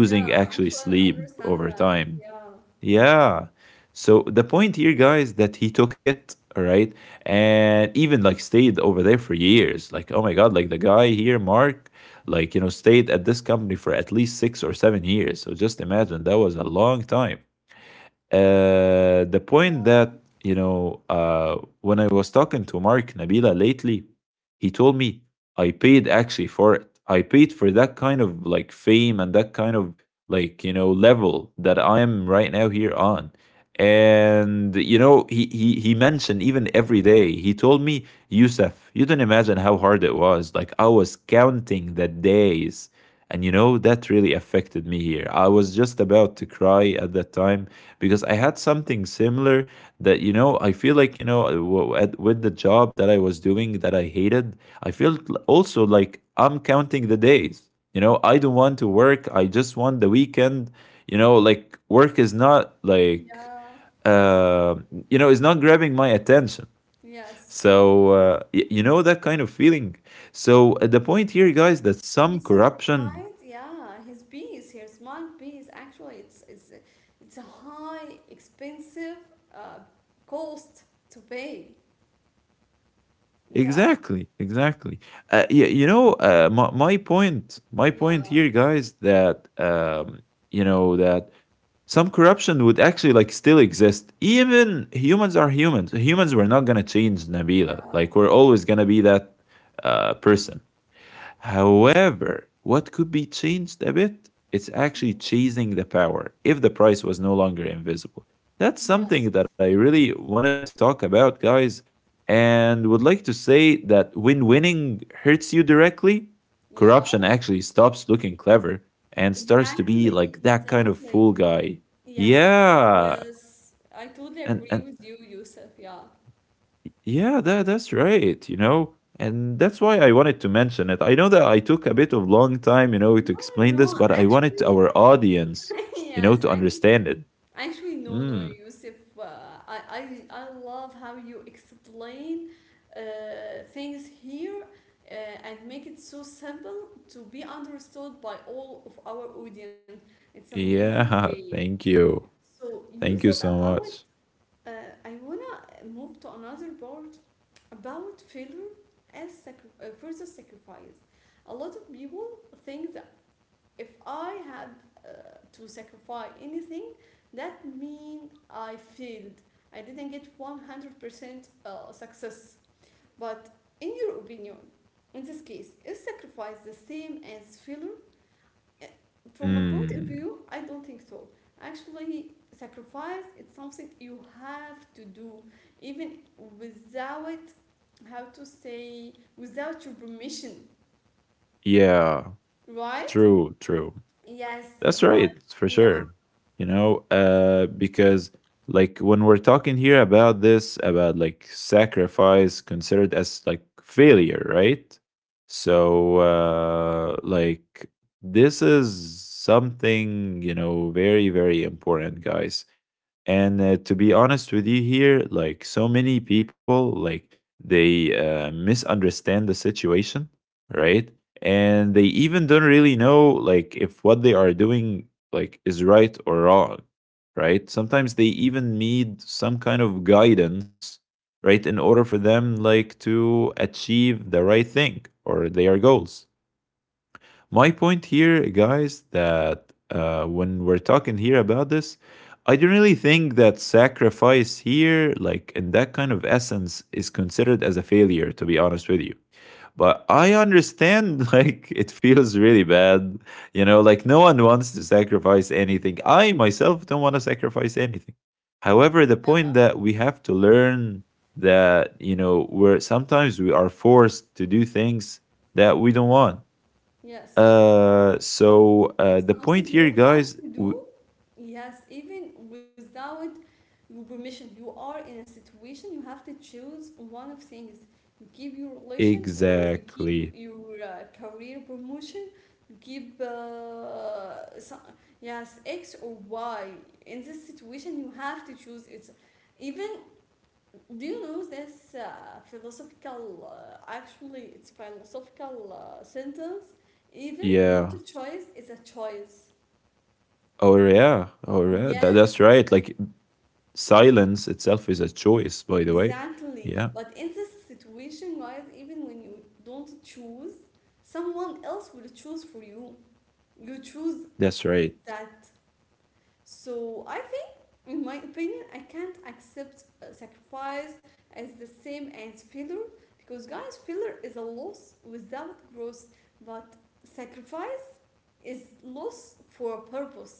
[SPEAKER 1] Yeah,
[SPEAKER 2] actually
[SPEAKER 1] actually, I totally
[SPEAKER 2] sleep
[SPEAKER 1] understand
[SPEAKER 2] over
[SPEAKER 1] that.
[SPEAKER 2] time
[SPEAKER 1] Yeah.
[SPEAKER 2] yeah. So the point here, guys, that he took it, all right, and even like stayed over there for years. Like, oh my God, like the guy here, Mark, like, you know, stayed at
[SPEAKER 1] Mm.
[SPEAKER 2] this company for at least 6 or 7 years. So just imagine that was a long time. The
[SPEAKER 1] Yeah,
[SPEAKER 2] point that, you know, when I was talking to Mark Nabila lately, he told me I paid actually for it. I paid for that kind of like fame and that kind of like, you know, level that I am right now here on. And you know, he mentioned even every day, he told me, "Youssef, you don't imagine how hard it was. Like I was counting the days and you know, that really affected me here. I was just about to cry at that time because I had something similar that, you know, I feel like, you know, at, with the job that I was doing that I hated, I felt also like I'm counting the days. You know, I don't want to work. I just want the weekend. You know, like work is not like,
[SPEAKER 1] yeah,
[SPEAKER 2] uh, you know, it's not grabbing my attention.
[SPEAKER 1] yes.
[SPEAKER 2] So, you know, that kind of feeling. So, the point here, guys, that some
[SPEAKER 1] He
[SPEAKER 2] corruption
[SPEAKER 1] sacrificed, yeah, his piece, his mind piece. Actually, it's a high, expensive uh, cost to pay. Yeah,
[SPEAKER 2] exactly, exactly. You know, my point
[SPEAKER 1] yeah,
[SPEAKER 2] here, guys, that you know that some corruption would actually like still exist. Even humans are humans. Humans, we're not gonna change Nabila.
[SPEAKER 1] yeah.
[SPEAKER 2] Like we're always gonna be that person. However, what could be changed a bit? It's actually
[SPEAKER 1] Mm.
[SPEAKER 2] chasing the power if the price was no longer invisible. That's
[SPEAKER 1] Yes,
[SPEAKER 2] something that I
[SPEAKER 1] yes.
[SPEAKER 2] really wanted to talk about, guys, and would like to say that when winning hurts you directly,
[SPEAKER 1] Yeah,
[SPEAKER 2] corruption actually stops looking clever and starts to be
[SPEAKER 1] exactly,
[SPEAKER 2] like that kind of
[SPEAKER 1] exactly.
[SPEAKER 2] fool
[SPEAKER 1] It-
[SPEAKER 2] guy.
[SPEAKER 1] Yes,
[SPEAKER 2] Yeah.
[SPEAKER 1] yes. I totally
[SPEAKER 2] And,
[SPEAKER 1] agree
[SPEAKER 2] and
[SPEAKER 1] with you, Yusuf. Yeah.
[SPEAKER 2] yeah, that that's right, you know, and that's why I wanted to mention it. I know that I took a bit of long time, you know, to
[SPEAKER 1] No,
[SPEAKER 2] explain this,
[SPEAKER 1] no,
[SPEAKER 2] but I wanted
[SPEAKER 1] actually,
[SPEAKER 2] our audience, you know,
[SPEAKER 1] yes,
[SPEAKER 2] to
[SPEAKER 1] actually,
[SPEAKER 2] understand it.
[SPEAKER 1] actually, no, no,
[SPEAKER 2] Mm,
[SPEAKER 1] Yusuf. I, I, I love how you explain things here uh, and make it so simple to be understood by all of our audience. It's amazing
[SPEAKER 2] yeah,
[SPEAKER 1] way.
[SPEAKER 2] thank you.
[SPEAKER 1] So, Yusuf,
[SPEAKER 2] Thank you so
[SPEAKER 1] about
[SPEAKER 2] much.
[SPEAKER 1] uh, I wanna move to another part about failure as versus sacrifice. A lot of people think the if I had uh, to sacrifice anything, that mean I failed. I didn't get 100% success. But in your opinion, in this case, is sacrifice the same as failure? Uh, From my point of
[SPEAKER 2] Mm,
[SPEAKER 1] view, I don't think so. Actually, sacrifice it's something you have to do, even without how to say without your permission,
[SPEAKER 2] yeah,
[SPEAKER 1] right?
[SPEAKER 2] true, true.
[SPEAKER 1] Yes,
[SPEAKER 2] That's
[SPEAKER 1] but
[SPEAKER 2] right, for
[SPEAKER 1] yeah,
[SPEAKER 2] sure. You know, because like when we're talking here about this, about like sacrifice considered as like failure, right? So, like, this is something, you know, very, very important, guys. And to be honest with you here, like so many people, like they misunderstand the situation, right? And they even don't really know like if what they are doing like is right or wrong, right? Sometimes they even need some kind of guidance, right, in order for them like to achieve the right thing or their goals. My point here, guys, that when we're talking here about this, I don't really think that sacrifice here, like in that kind of essence, is considered as a failure, to be honest with you. But I understand, like, it feels really bad. You know, like, no one wants to sacrifice anything. I myself don't want to sacrifice anything. However, the point that we have to learn that, you know, where sometimes we are forced to do things that we don't want
[SPEAKER 1] yes,
[SPEAKER 2] so
[SPEAKER 1] it's
[SPEAKER 2] the point
[SPEAKER 1] something
[SPEAKER 2] here,
[SPEAKER 1] you have
[SPEAKER 2] guys,
[SPEAKER 1] to do. Yes, even without your permission, you are in a situation you have to choose one of things. You keep your relation, or you keep
[SPEAKER 2] exactly.
[SPEAKER 1] your career promotion. You keep so, yes X or Y. In this situation, you have to choose. It's even do you know this philosophical actually it's philosophical sentence even
[SPEAKER 2] Yeah.
[SPEAKER 1] not a choice is a choice,
[SPEAKER 2] Or yeah. Or yeah. That,
[SPEAKER 1] yes,
[SPEAKER 2] that's right. Like silence itself is a choice, by the way.
[SPEAKER 1] exactly.
[SPEAKER 2] Yeah.
[SPEAKER 1] But in this situation guys, even when you don't choose, someone else will choose for you. You choose
[SPEAKER 2] That's right.
[SPEAKER 1] that. So i in my opinion, I can't accept sacrifice as the same as failure because, guys, failure is a loss without growth, but sacrifice is loss for a purpose.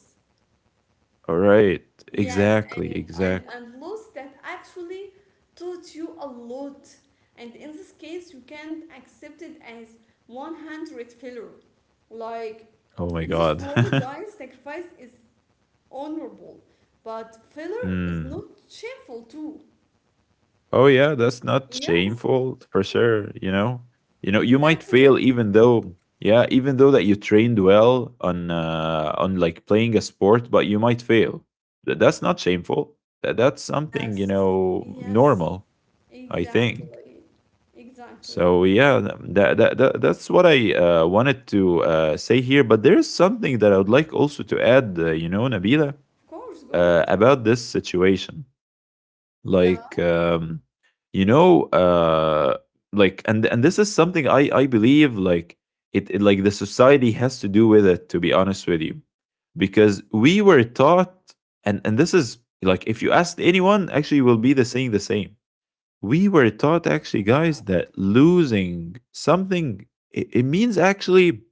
[SPEAKER 2] All right.
[SPEAKER 1] Yes,
[SPEAKER 2] Exactly.
[SPEAKER 1] and, and,
[SPEAKER 2] Exactly.
[SPEAKER 1] and loss that actually taught you a lot. And in this case, you can't accept it as 100 failure. Like
[SPEAKER 2] Oh my
[SPEAKER 1] in this
[SPEAKER 2] God.
[SPEAKER 1] world, guys, sacrifice is honorable, but failure is not
[SPEAKER 2] Hmm.
[SPEAKER 1] shameful too.
[SPEAKER 2] Oh yeah, that's not
[SPEAKER 1] Yes,
[SPEAKER 2] shameful for sure, you know. You know, you might fail
[SPEAKER 1] exactly.
[SPEAKER 2] even though yeah, even though that you trained well on like playing a sport, but you might fail. That's not shameful. That's something, you
[SPEAKER 1] Yes,
[SPEAKER 2] know,
[SPEAKER 1] yes,
[SPEAKER 2] normal, I think.
[SPEAKER 1] exactly,
[SPEAKER 2] So
[SPEAKER 1] exactly.
[SPEAKER 2] yeah, that that, that that's what I wanted to say here, but there is something that I would like also to add, you know, Nabila,
[SPEAKER 1] Of course, go ahead. You say-
[SPEAKER 2] about this situation
[SPEAKER 1] Yeah,
[SPEAKER 2] like you know like and this is something I believe like it like the society has to do with it, to be honest with you, because we were taught and this is like if you asked anyone actually will be the saying the same we were taught actually
[SPEAKER 1] yeah,
[SPEAKER 2] guys that losing something, it means actually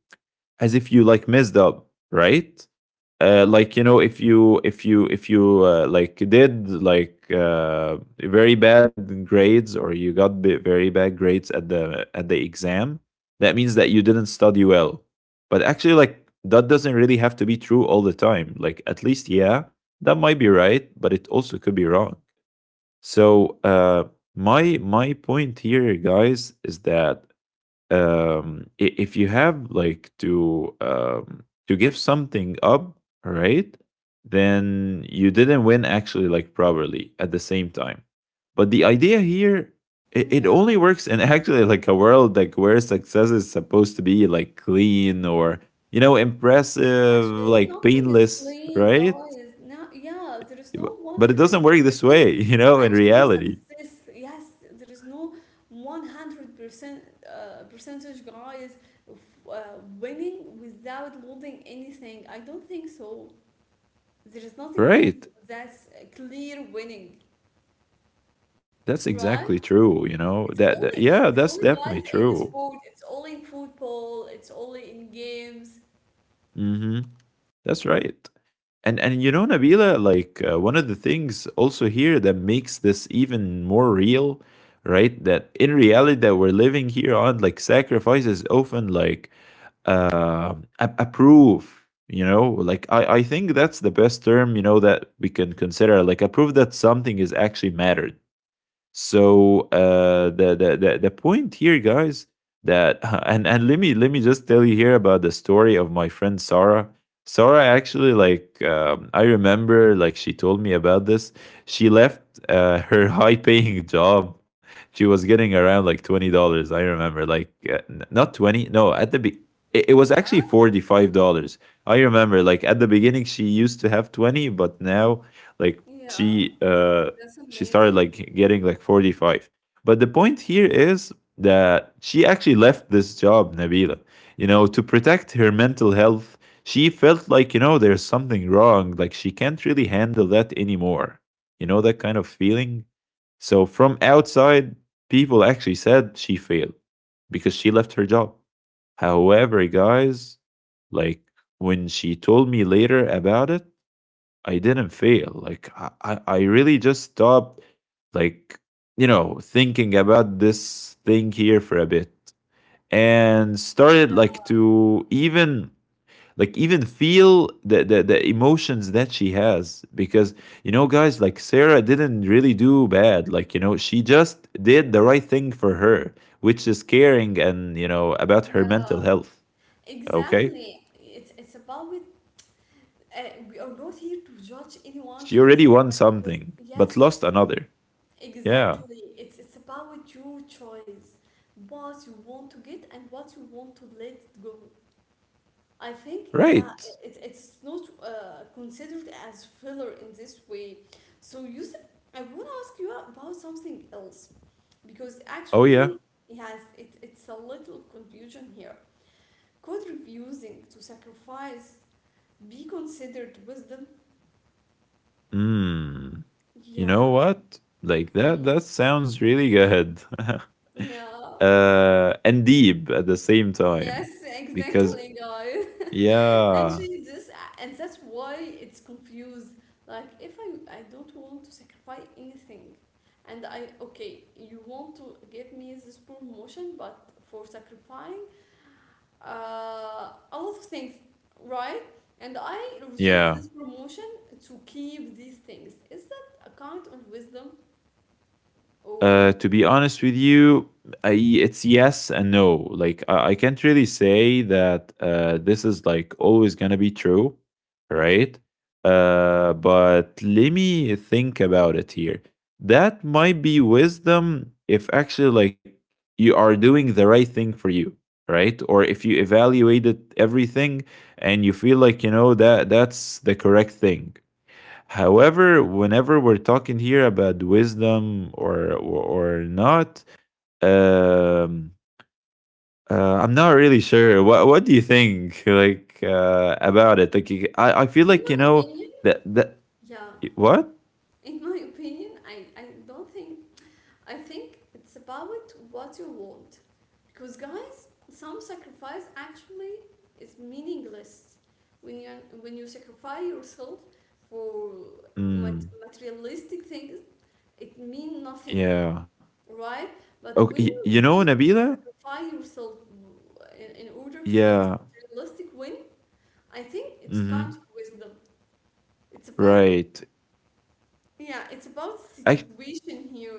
[SPEAKER 2] as if you like messed up, right?
[SPEAKER 1] yeah,
[SPEAKER 2] Like you know, if you if you if you like did like very bad grades or you got very bad grades at the exam, that means that you didn't study well. But actually, like that doesn't really have to be true all the time. Like at least, yeah, that might be right, but it also could be wrong. So my my point here, guys, is that if you have like to give something up right then you didn't win actually like properly at the same time but the idea here, it only
[SPEAKER 1] yeah.
[SPEAKER 2] works in actually like a world like where success is supposed to be like clean or you know impressive
[SPEAKER 1] Actually,
[SPEAKER 2] like
[SPEAKER 1] nothing is
[SPEAKER 2] painless
[SPEAKER 1] clean,
[SPEAKER 2] right.
[SPEAKER 1] guys. Now, yeah, there is no
[SPEAKER 2] But it doesn't work this
[SPEAKER 1] 100%
[SPEAKER 2] way you know in
[SPEAKER 1] actually
[SPEAKER 2] reality
[SPEAKER 1] success. Yes, there is no 100% percentage, guys, of winning without losing anything. I don't think so. There is nothing called
[SPEAKER 2] right
[SPEAKER 1] that's clear winning,
[SPEAKER 2] that's
[SPEAKER 1] right?
[SPEAKER 2] exactly true you
[SPEAKER 1] It's
[SPEAKER 2] know
[SPEAKER 1] only,
[SPEAKER 2] that, that
[SPEAKER 1] it's
[SPEAKER 2] yeah
[SPEAKER 1] only
[SPEAKER 2] that's
[SPEAKER 1] guys
[SPEAKER 2] definitely
[SPEAKER 1] in sport.
[SPEAKER 2] true.
[SPEAKER 1] It's only in football. It's only in games.
[SPEAKER 2] Mm-hmm. That's right. And you know, Nabila, like one of the things also here that makes this even more real, right? That in reality that we're living here on, like sacrifice is often like uh, a, a proof. You know, like I think that's the best term, you know, that we can consider, like a proof that something is actually mattered. So the point here, guys, that and let me just tell you here about the story of my friend Sarah. Sarah actually like I remember like she told me about this. She left her high paying job. She was getting around like $20. I remember like not 20. No, it
[SPEAKER 1] Yeah,
[SPEAKER 2] was actually $45. I remember like at the beginning she used to have 20, but now like
[SPEAKER 1] yeah,
[SPEAKER 2] she uh
[SPEAKER 1] that's
[SPEAKER 2] she started
[SPEAKER 1] amazing.
[SPEAKER 2] like getting like 45. But the point here is that she actually left this job, Nabila, you know, to protect her mental health. She felt like, you know, there's something wrong, like she can't really handle that anymore, you know, that kind of feeling. So from outside, people actually said she failed because she left her job. However, guys, like when she told me later about it, I didn't fail. Like I really just stopped, like, you know, thinking about this thing here for a bit, and started
[SPEAKER 1] Yeah,
[SPEAKER 2] like to even like even feel the emotions that she has. Because, you know, guys, like Sarah didn't really do bad. Like, you know, she just did the right thing for her, which is caring, and, you know, about her
[SPEAKER 1] yeah,
[SPEAKER 2] mental health. Okay.
[SPEAKER 1] exactly. It's about it. We are not here to judge anyone
[SPEAKER 2] She already
[SPEAKER 1] choices,
[SPEAKER 2] won
[SPEAKER 1] guys, because
[SPEAKER 2] something
[SPEAKER 1] yes,
[SPEAKER 2] but lost another. Yeah.
[SPEAKER 1] exactly. It's about your choice, what you want to get and what you want to let go. I think yeah,
[SPEAKER 2] Right.
[SPEAKER 1] I- it, it's not considered as filler in this way. So Yusuf, I want to ask you about something else because
[SPEAKER 2] Oh yeah.
[SPEAKER 1] actually, yes, it, it's a little confusion here. Could refusing to sacrifice be considered wisdom?
[SPEAKER 2] Hmm. You know
[SPEAKER 1] Yeah.
[SPEAKER 2] what? Like that
[SPEAKER 1] Mm.
[SPEAKER 2] that sounds really good.
[SPEAKER 1] Yeah.
[SPEAKER 2] And deep at the same
[SPEAKER 1] Yes,
[SPEAKER 2] time. Because
[SPEAKER 1] exactly, guys.
[SPEAKER 2] yeah.
[SPEAKER 1] Actually, this and that's why it's confused. Like, if I don't want to sacrifice anything, and I okay, you want to give me this promotion, but for sacrificing a lot of things, right? And I reject
[SPEAKER 2] Yeah.
[SPEAKER 1] this promotion to keep these things. Is that a kind of wisdom or not?
[SPEAKER 2] To be honest with you, it's yes and no. Like I can't really say that this is like always gonna be true, right? But let me think about it here. That might be wisdom if actually like you are doing the right thing for you, right? Or if you evaluated everything and you feel like, you know, that that's the correct thing. However, whenever we're talking here about wisdom or not, um, uh, I'm not really sure. What do you think, like about it? Like, I feel
[SPEAKER 1] In
[SPEAKER 2] like,
[SPEAKER 1] my
[SPEAKER 2] you know,
[SPEAKER 1] opinion,
[SPEAKER 2] that that
[SPEAKER 1] yeah.
[SPEAKER 2] what?
[SPEAKER 1] In my opinion, I don't think I think it's about what you want. Because, guys, some sacrifice actually is meaningless when you, when you sacrifice yourself for
[SPEAKER 2] Mm,
[SPEAKER 1] materialistic things, it means nothing,
[SPEAKER 2] yeah.
[SPEAKER 1] right? But when
[SPEAKER 2] Okay.
[SPEAKER 1] you
[SPEAKER 2] You know,
[SPEAKER 1] choose not to
[SPEAKER 2] Nabila?
[SPEAKER 1] sacrifice yourself in order to get
[SPEAKER 2] Yeah.
[SPEAKER 1] materialistic win, I think it's kind
[SPEAKER 2] Mm-hmm.
[SPEAKER 1] of wisdom. It's about
[SPEAKER 2] Right.
[SPEAKER 1] yeah, it's about situation here.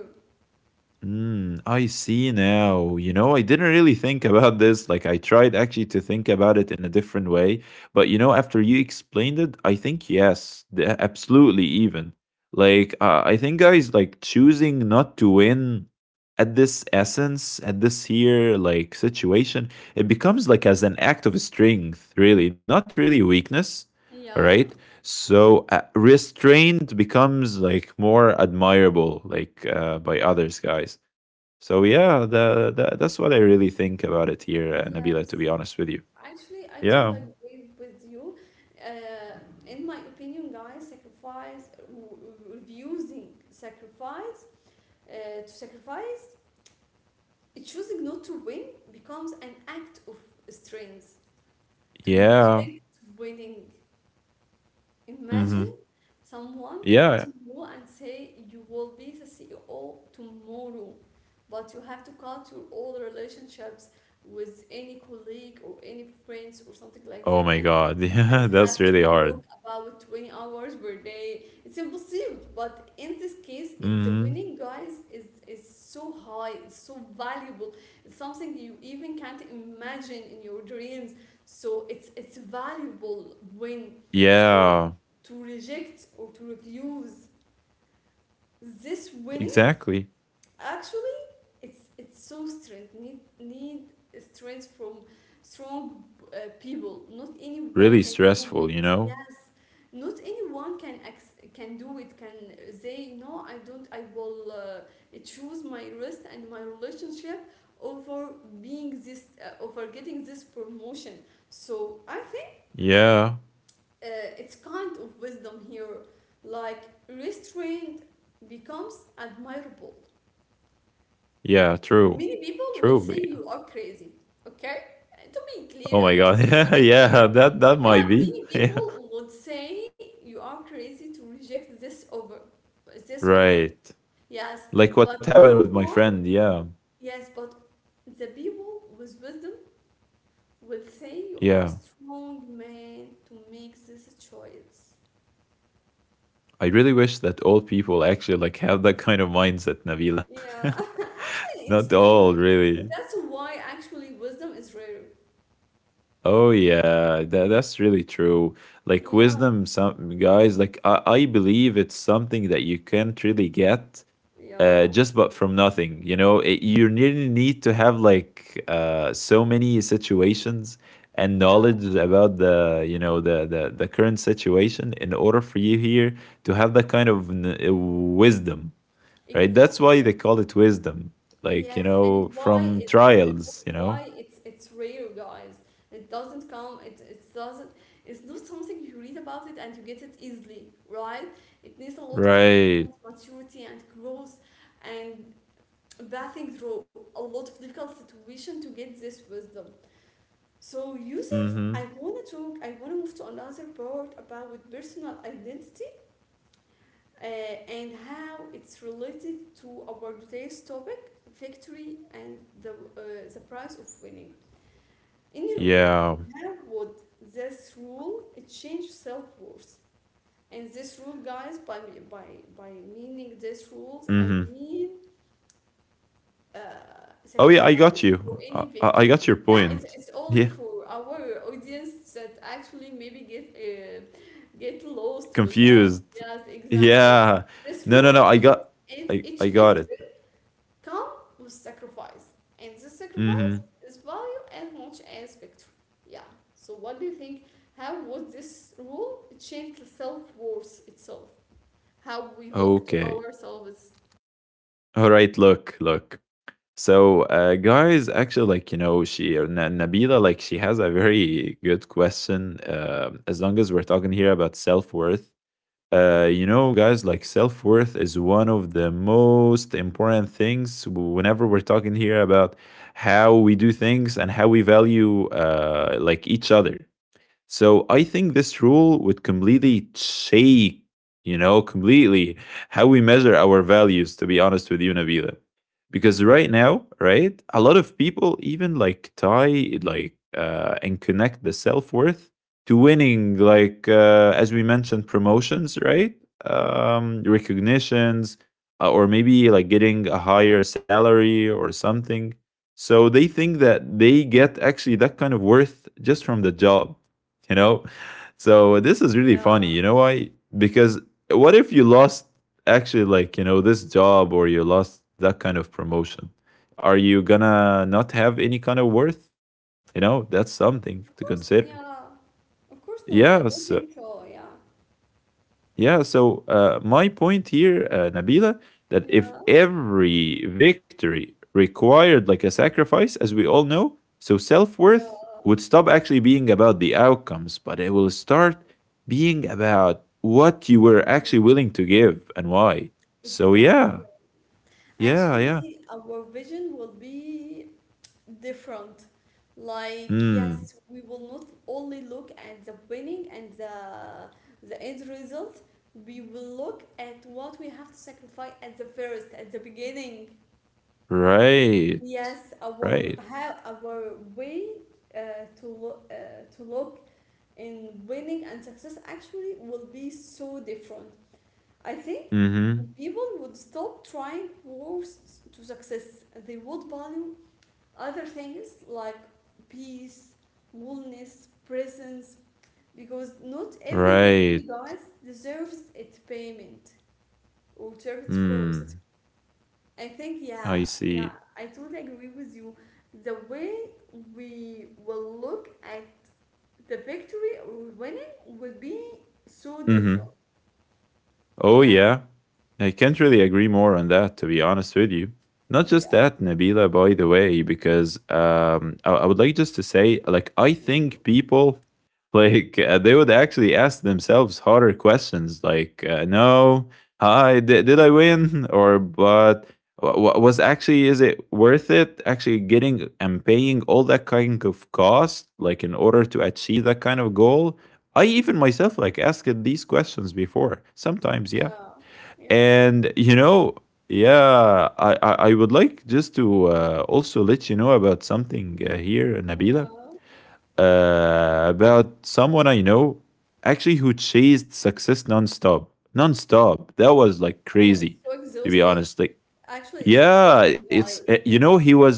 [SPEAKER 2] Mm, I see now. You know, I didn't really think about this. Like, I tried actually to think about it in a different way. But, you know, after you explained it, I think yes, absolutely, even. Like, I think guys, like, choosing not to win at this essence, at this here, like, situation, it becomes like as an act of strength, really, not really weakness. All right.
[SPEAKER 1] Yeah.
[SPEAKER 2] So restraint becomes like more admirable, like by others, guys. So yeah, that's what I really think about it here, Nabila. To be
[SPEAKER 1] Yes.
[SPEAKER 2] honest with you,
[SPEAKER 1] Actually, I
[SPEAKER 2] yeah,
[SPEAKER 1] totally agree with you. Uh, in my opinion, guys, sacrifice, refusing sacrifice, to sacrifice, choosing not to win becomes an act of strength. To
[SPEAKER 2] yeah,
[SPEAKER 1] reject winning.
[SPEAKER 2] hmm,
[SPEAKER 1] Imagine someone come
[SPEAKER 2] yeah.
[SPEAKER 1] to you and say you will be the CEO tomorrow, but you have to cut your old relationships with any colleague or any friends or something like
[SPEAKER 2] Oh
[SPEAKER 1] that
[SPEAKER 2] my God,
[SPEAKER 1] and
[SPEAKER 2] yeah, that's
[SPEAKER 1] have to
[SPEAKER 2] really
[SPEAKER 1] work
[SPEAKER 2] hard.
[SPEAKER 1] about 20 hours per day. It's impossible. But in this case, it, the
[SPEAKER 2] Hmm.
[SPEAKER 1] winning guys is so high, it's so valuable. It's something you even can't imagine in your dreams. So it's valuable win. So
[SPEAKER 2] Yeah,
[SPEAKER 1] to reject or to refuse this winning
[SPEAKER 2] exactly.
[SPEAKER 1] actually it's so strength need need strength from strong people, not anyone
[SPEAKER 2] Really
[SPEAKER 1] can do
[SPEAKER 2] stressful, you
[SPEAKER 1] it,
[SPEAKER 2] know.
[SPEAKER 1] yes. Not anyone can do it, can say no, I don't I will choose my rest and my relationship over being this over getting this promotion. So i
[SPEAKER 2] Yeah,
[SPEAKER 1] uh, it's kind of wisdom here like restraint becomes admirable,
[SPEAKER 2] yeah, true,
[SPEAKER 1] many people
[SPEAKER 2] true.
[SPEAKER 1] will say
[SPEAKER 2] But-
[SPEAKER 1] you are crazy. Okay, to be
[SPEAKER 2] Oh
[SPEAKER 1] clear
[SPEAKER 2] my
[SPEAKER 1] and to
[SPEAKER 2] God,
[SPEAKER 1] be
[SPEAKER 2] yeah,
[SPEAKER 1] honest here,
[SPEAKER 2] yeah, that that
[SPEAKER 1] yeah,
[SPEAKER 2] might be.
[SPEAKER 1] many
[SPEAKER 2] Yeah,
[SPEAKER 1] people would say you are crazy to reject this offer, this offer,
[SPEAKER 2] right.
[SPEAKER 1] yes,
[SPEAKER 2] Like
[SPEAKER 1] but
[SPEAKER 2] what happened
[SPEAKER 1] no
[SPEAKER 2] with my
[SPEAKER 1] one
[SPEAKER 2] friend, yeah.
[SPEAKER 1] yes but the people with wisdom will say you are a
[SPEAKER 2] Yeah.
[SPEAKER 1] strong man to make this choice.
[SPEAKER 2] I really wish that all people actually like have that kind of mindset, Nabila.
[SPEAKER 1] Yeah, actually,
[SPEAKER 2] Not
[SPEAKER 1] it's
[SPEAKER 2] all,
[SPEAKER 1] not.
[SPEAKER 2] really.
[SPEAKER 1] That's why actually wisdom is rare.
[SPEAKER 2] Oh yeah, that, that's really true. Like
[SPEAKER 1] Yeah,
[SPEAKER 2] wisdom, some guys, like I believe it's something that you can't really get
[SPEAKER 1] yeah,
[SPEAKER 2] just but from nothing. You know, it, you really need to have like so many situations and
[SPEAKER 1] yeah,
[SPEAKER 2] knowledge about the, you know, the current situation in order for you here to have that kind of wisdom, right? That's why they
[SPEAKER 1] exactly.
[SPEAKER 2] call it wisdom, like, you
[SPEAKER 1] Yes, and
[SPEAKER 2] know,
[SPEAKER 1] why
[SPEAKER 2] from
[SPEAKER 1] it, and that's
[SPEAKER 2] trials. You know.
[SPEAKER 1] why it's rare, guys. It doesn't come. It doesn't. It's not something you read about it and you get it easily, right? It needs a lot of
[SPEAKER 2] Right.
[SPEAKER 1] experience, maturity, and growth, and passing through a lot of difficult situation to get this wisdom. So Yusuf, I
[SPEAKER 2] Mm-hmm.
[SPEAKER 1] wanna talk. I wanna move to another part about personal identity and how it's related to our today's topic, victory and the price of winning. In your opinion,
[SPEAKER 2] Yeah.
[SPEAKER 1] how would this rule change self worth? And this rule, guys, by by meaning these rules, I
[SPEAKER 2] Mm-hmm.
[SPEAKER 1] mean
[SPEAKER 2] Oh yeah, I
[SPEAKER 1] sacrifice
[SPEAKER 2] got
[SPEAKER 1] for
[SPEAKER 2] you.
[SPEAKER 1] any
[SPEAKER 2] I
[SPEAKER 1] victory.
[SPEAKER 2] got your
[SPEAKER 1] Yeah,
[SPEAKER 2] point.
[SPEAKER 1] it's only
[SPEAKER 2] Yeah.
[SPEAKER 1] for our audience that actually maybe get lost with us.
[SPEAKER 2] Confused.
[SPEAKER 1] Yes, exactly.
[SPEAKER 2] Yeah.
[SPEAKER 1] This
[SPEAKER 2] No, no,
[SPEAKER 1] rule
[SPEAKER 2] no. I
[SPEAKER 1] means
[SPEAKER 2] got
[SPEAKER 1] if
[SPEAKER 2] I
[SPEAKER 1] each
[SPEAKER 2] I got it.
[SPEAKER 1] victory come with sacrifice, and this
[SPEAKER 2] Mhm.
[SPEAKER 1] sacrifice is value as much as victory. Yeah. So what do you think? How would this rule change the self worth itself? How we look to
[SPEAKER 2] Okay.
[SPEAKER 1] ourselves?
[SPEAKER 2] All right, look, look. So, guys, actually, like, you know, Nabila, like she has a very good question. Um, as long as we're talking here about self-worth. Uh, you know, guys, like self-worth is one of the most important things whenever we're talking here about how we do things and how we value like each other. So I think this rule would completely shake, you know, completely how we measure our values, to be honest with you, Nabila. Because right now, right, a lot of people even like tie like and connect the self worth to winning, like as we mentioned, promotions, right? Recognitions, or maybe like getting a higher salary or something. So they think that they get actually that kind of worth just from the job. You know, so this is really funny.
[SPEAKER 1] Yeah,
[SPEAKER 2] You know why? Because what if you lost actually, like, you know, this job, or you lost that kind of promotion? Are you gonna not have any kind of worth? You know, that's something
[SPEAKER 1] of
[SPEAKER 2] to
[SPEAKER 1] course.
[SPEAKER 2] consider.
[SPEAKER 1] Yeah. Of course not. I
[SPEAKER 2] Yeah,
[SPEAKER 1] don't
[SPEAKER 2] so
[SPEAKER 1] think so. Yeah.
[SPEAKER 2] yeah, so my point here, Nabila, that if
[SPEAKER 1] Yeah.
[SPEAKER 2] every victory required like a sacrifice, as we all know, so self
[SPEAKER 1] Yeah.
[SPEAKER 2] worth would stop actually being about the outcomes, but it will start being about what you were
[SPEAKER 1] Mm,
[SPEAKER 2] actually willing to give and why. So,
[SPEAKER 1] exactly.
[SPEAKER 2] yeah, yeah, yeah.
[SPEAKER 1] Actually, our vision will be different. Like, yes,
[SPEAKER 2] Mm,
[SPEAKER 1] we will not only look at the winning and the end result. We will look at what we have to sacrifice at the first, at the beginning.
[SPEAKER 2] right,
[SPEAKER 1] Yes, our
[SPEAKER 2] right.
[SPEAKER 1] how our way uh, to look uh, to look in winning and success actually will be so different. I think
[SPEAKER 2] Mm hmm.
[SPEAKER 1] people would stop trying wars to success. They would value other things like peace, wellness, presence, because not every
[SPEAKER 2] Right.
[SPEAKER 1] victory, guys, deserves its payment or deserves its cost.
[SPEAKER 2] Mm,
[SPEAKER 1] I think, yeah,
[SPEAKER 2] I
[SPEAKER 1] yeah,
[SPEAKER 2] see.
[SPEAKER 1] I totally agree with you. The way we will look at the victory or winning will be so
[SPEAKER 2] Mm hmm.
[SPEAKER 1] different.
[SPEAKER 2] Oh,
[SPEAKER 1] Yeah,
[SPEAKER 2] yeah. I can't really agree more on that, to be honest with you. Not just
[SPEAKER 1] yeah,
[SPEAKER 2] that, Nabila, by the way, because I would like just to say, like, I
[SPEAKER 1] mhm.
[SPEAKER 2] think people, like, they would actually ask themselves harder questions, like, no, hi, did I win? Or, but was actually, is it worth it actually getting and paying all that kind of cost, like, in order to achieve that kind of goal? I even myself like asked these questions before. Sometimes, yeah.
[SPEAKER 1] Yeah, yeah.
[SPEAKER 2] And you know, yeah, I would like just to also let you know about something here, Nabila,
[SPEAKER 1] Yeah.
[SPEAKER 2] about someone I know actually who chased success nonstop, nonstop. That was like
[SPEAKER 1] Oh, it's
[SPEAKER 2] crazy,
[SPEAKER 1] so
[SPEAKER 2] to be
[SPEAKER 1] exhausting.
[SPEAKER 2] honest. Like,
[SPEAKER 1] Actually, it's
[SPEAKER 2] yeah,
[SPEAKER 1] exhausting,
[SPEAKER 2] it's
[SPEAKER 1] guys.
[SPEAKER 2] you
[SPEAKER 1] Yeah.
[SPEAKER 2] know, he was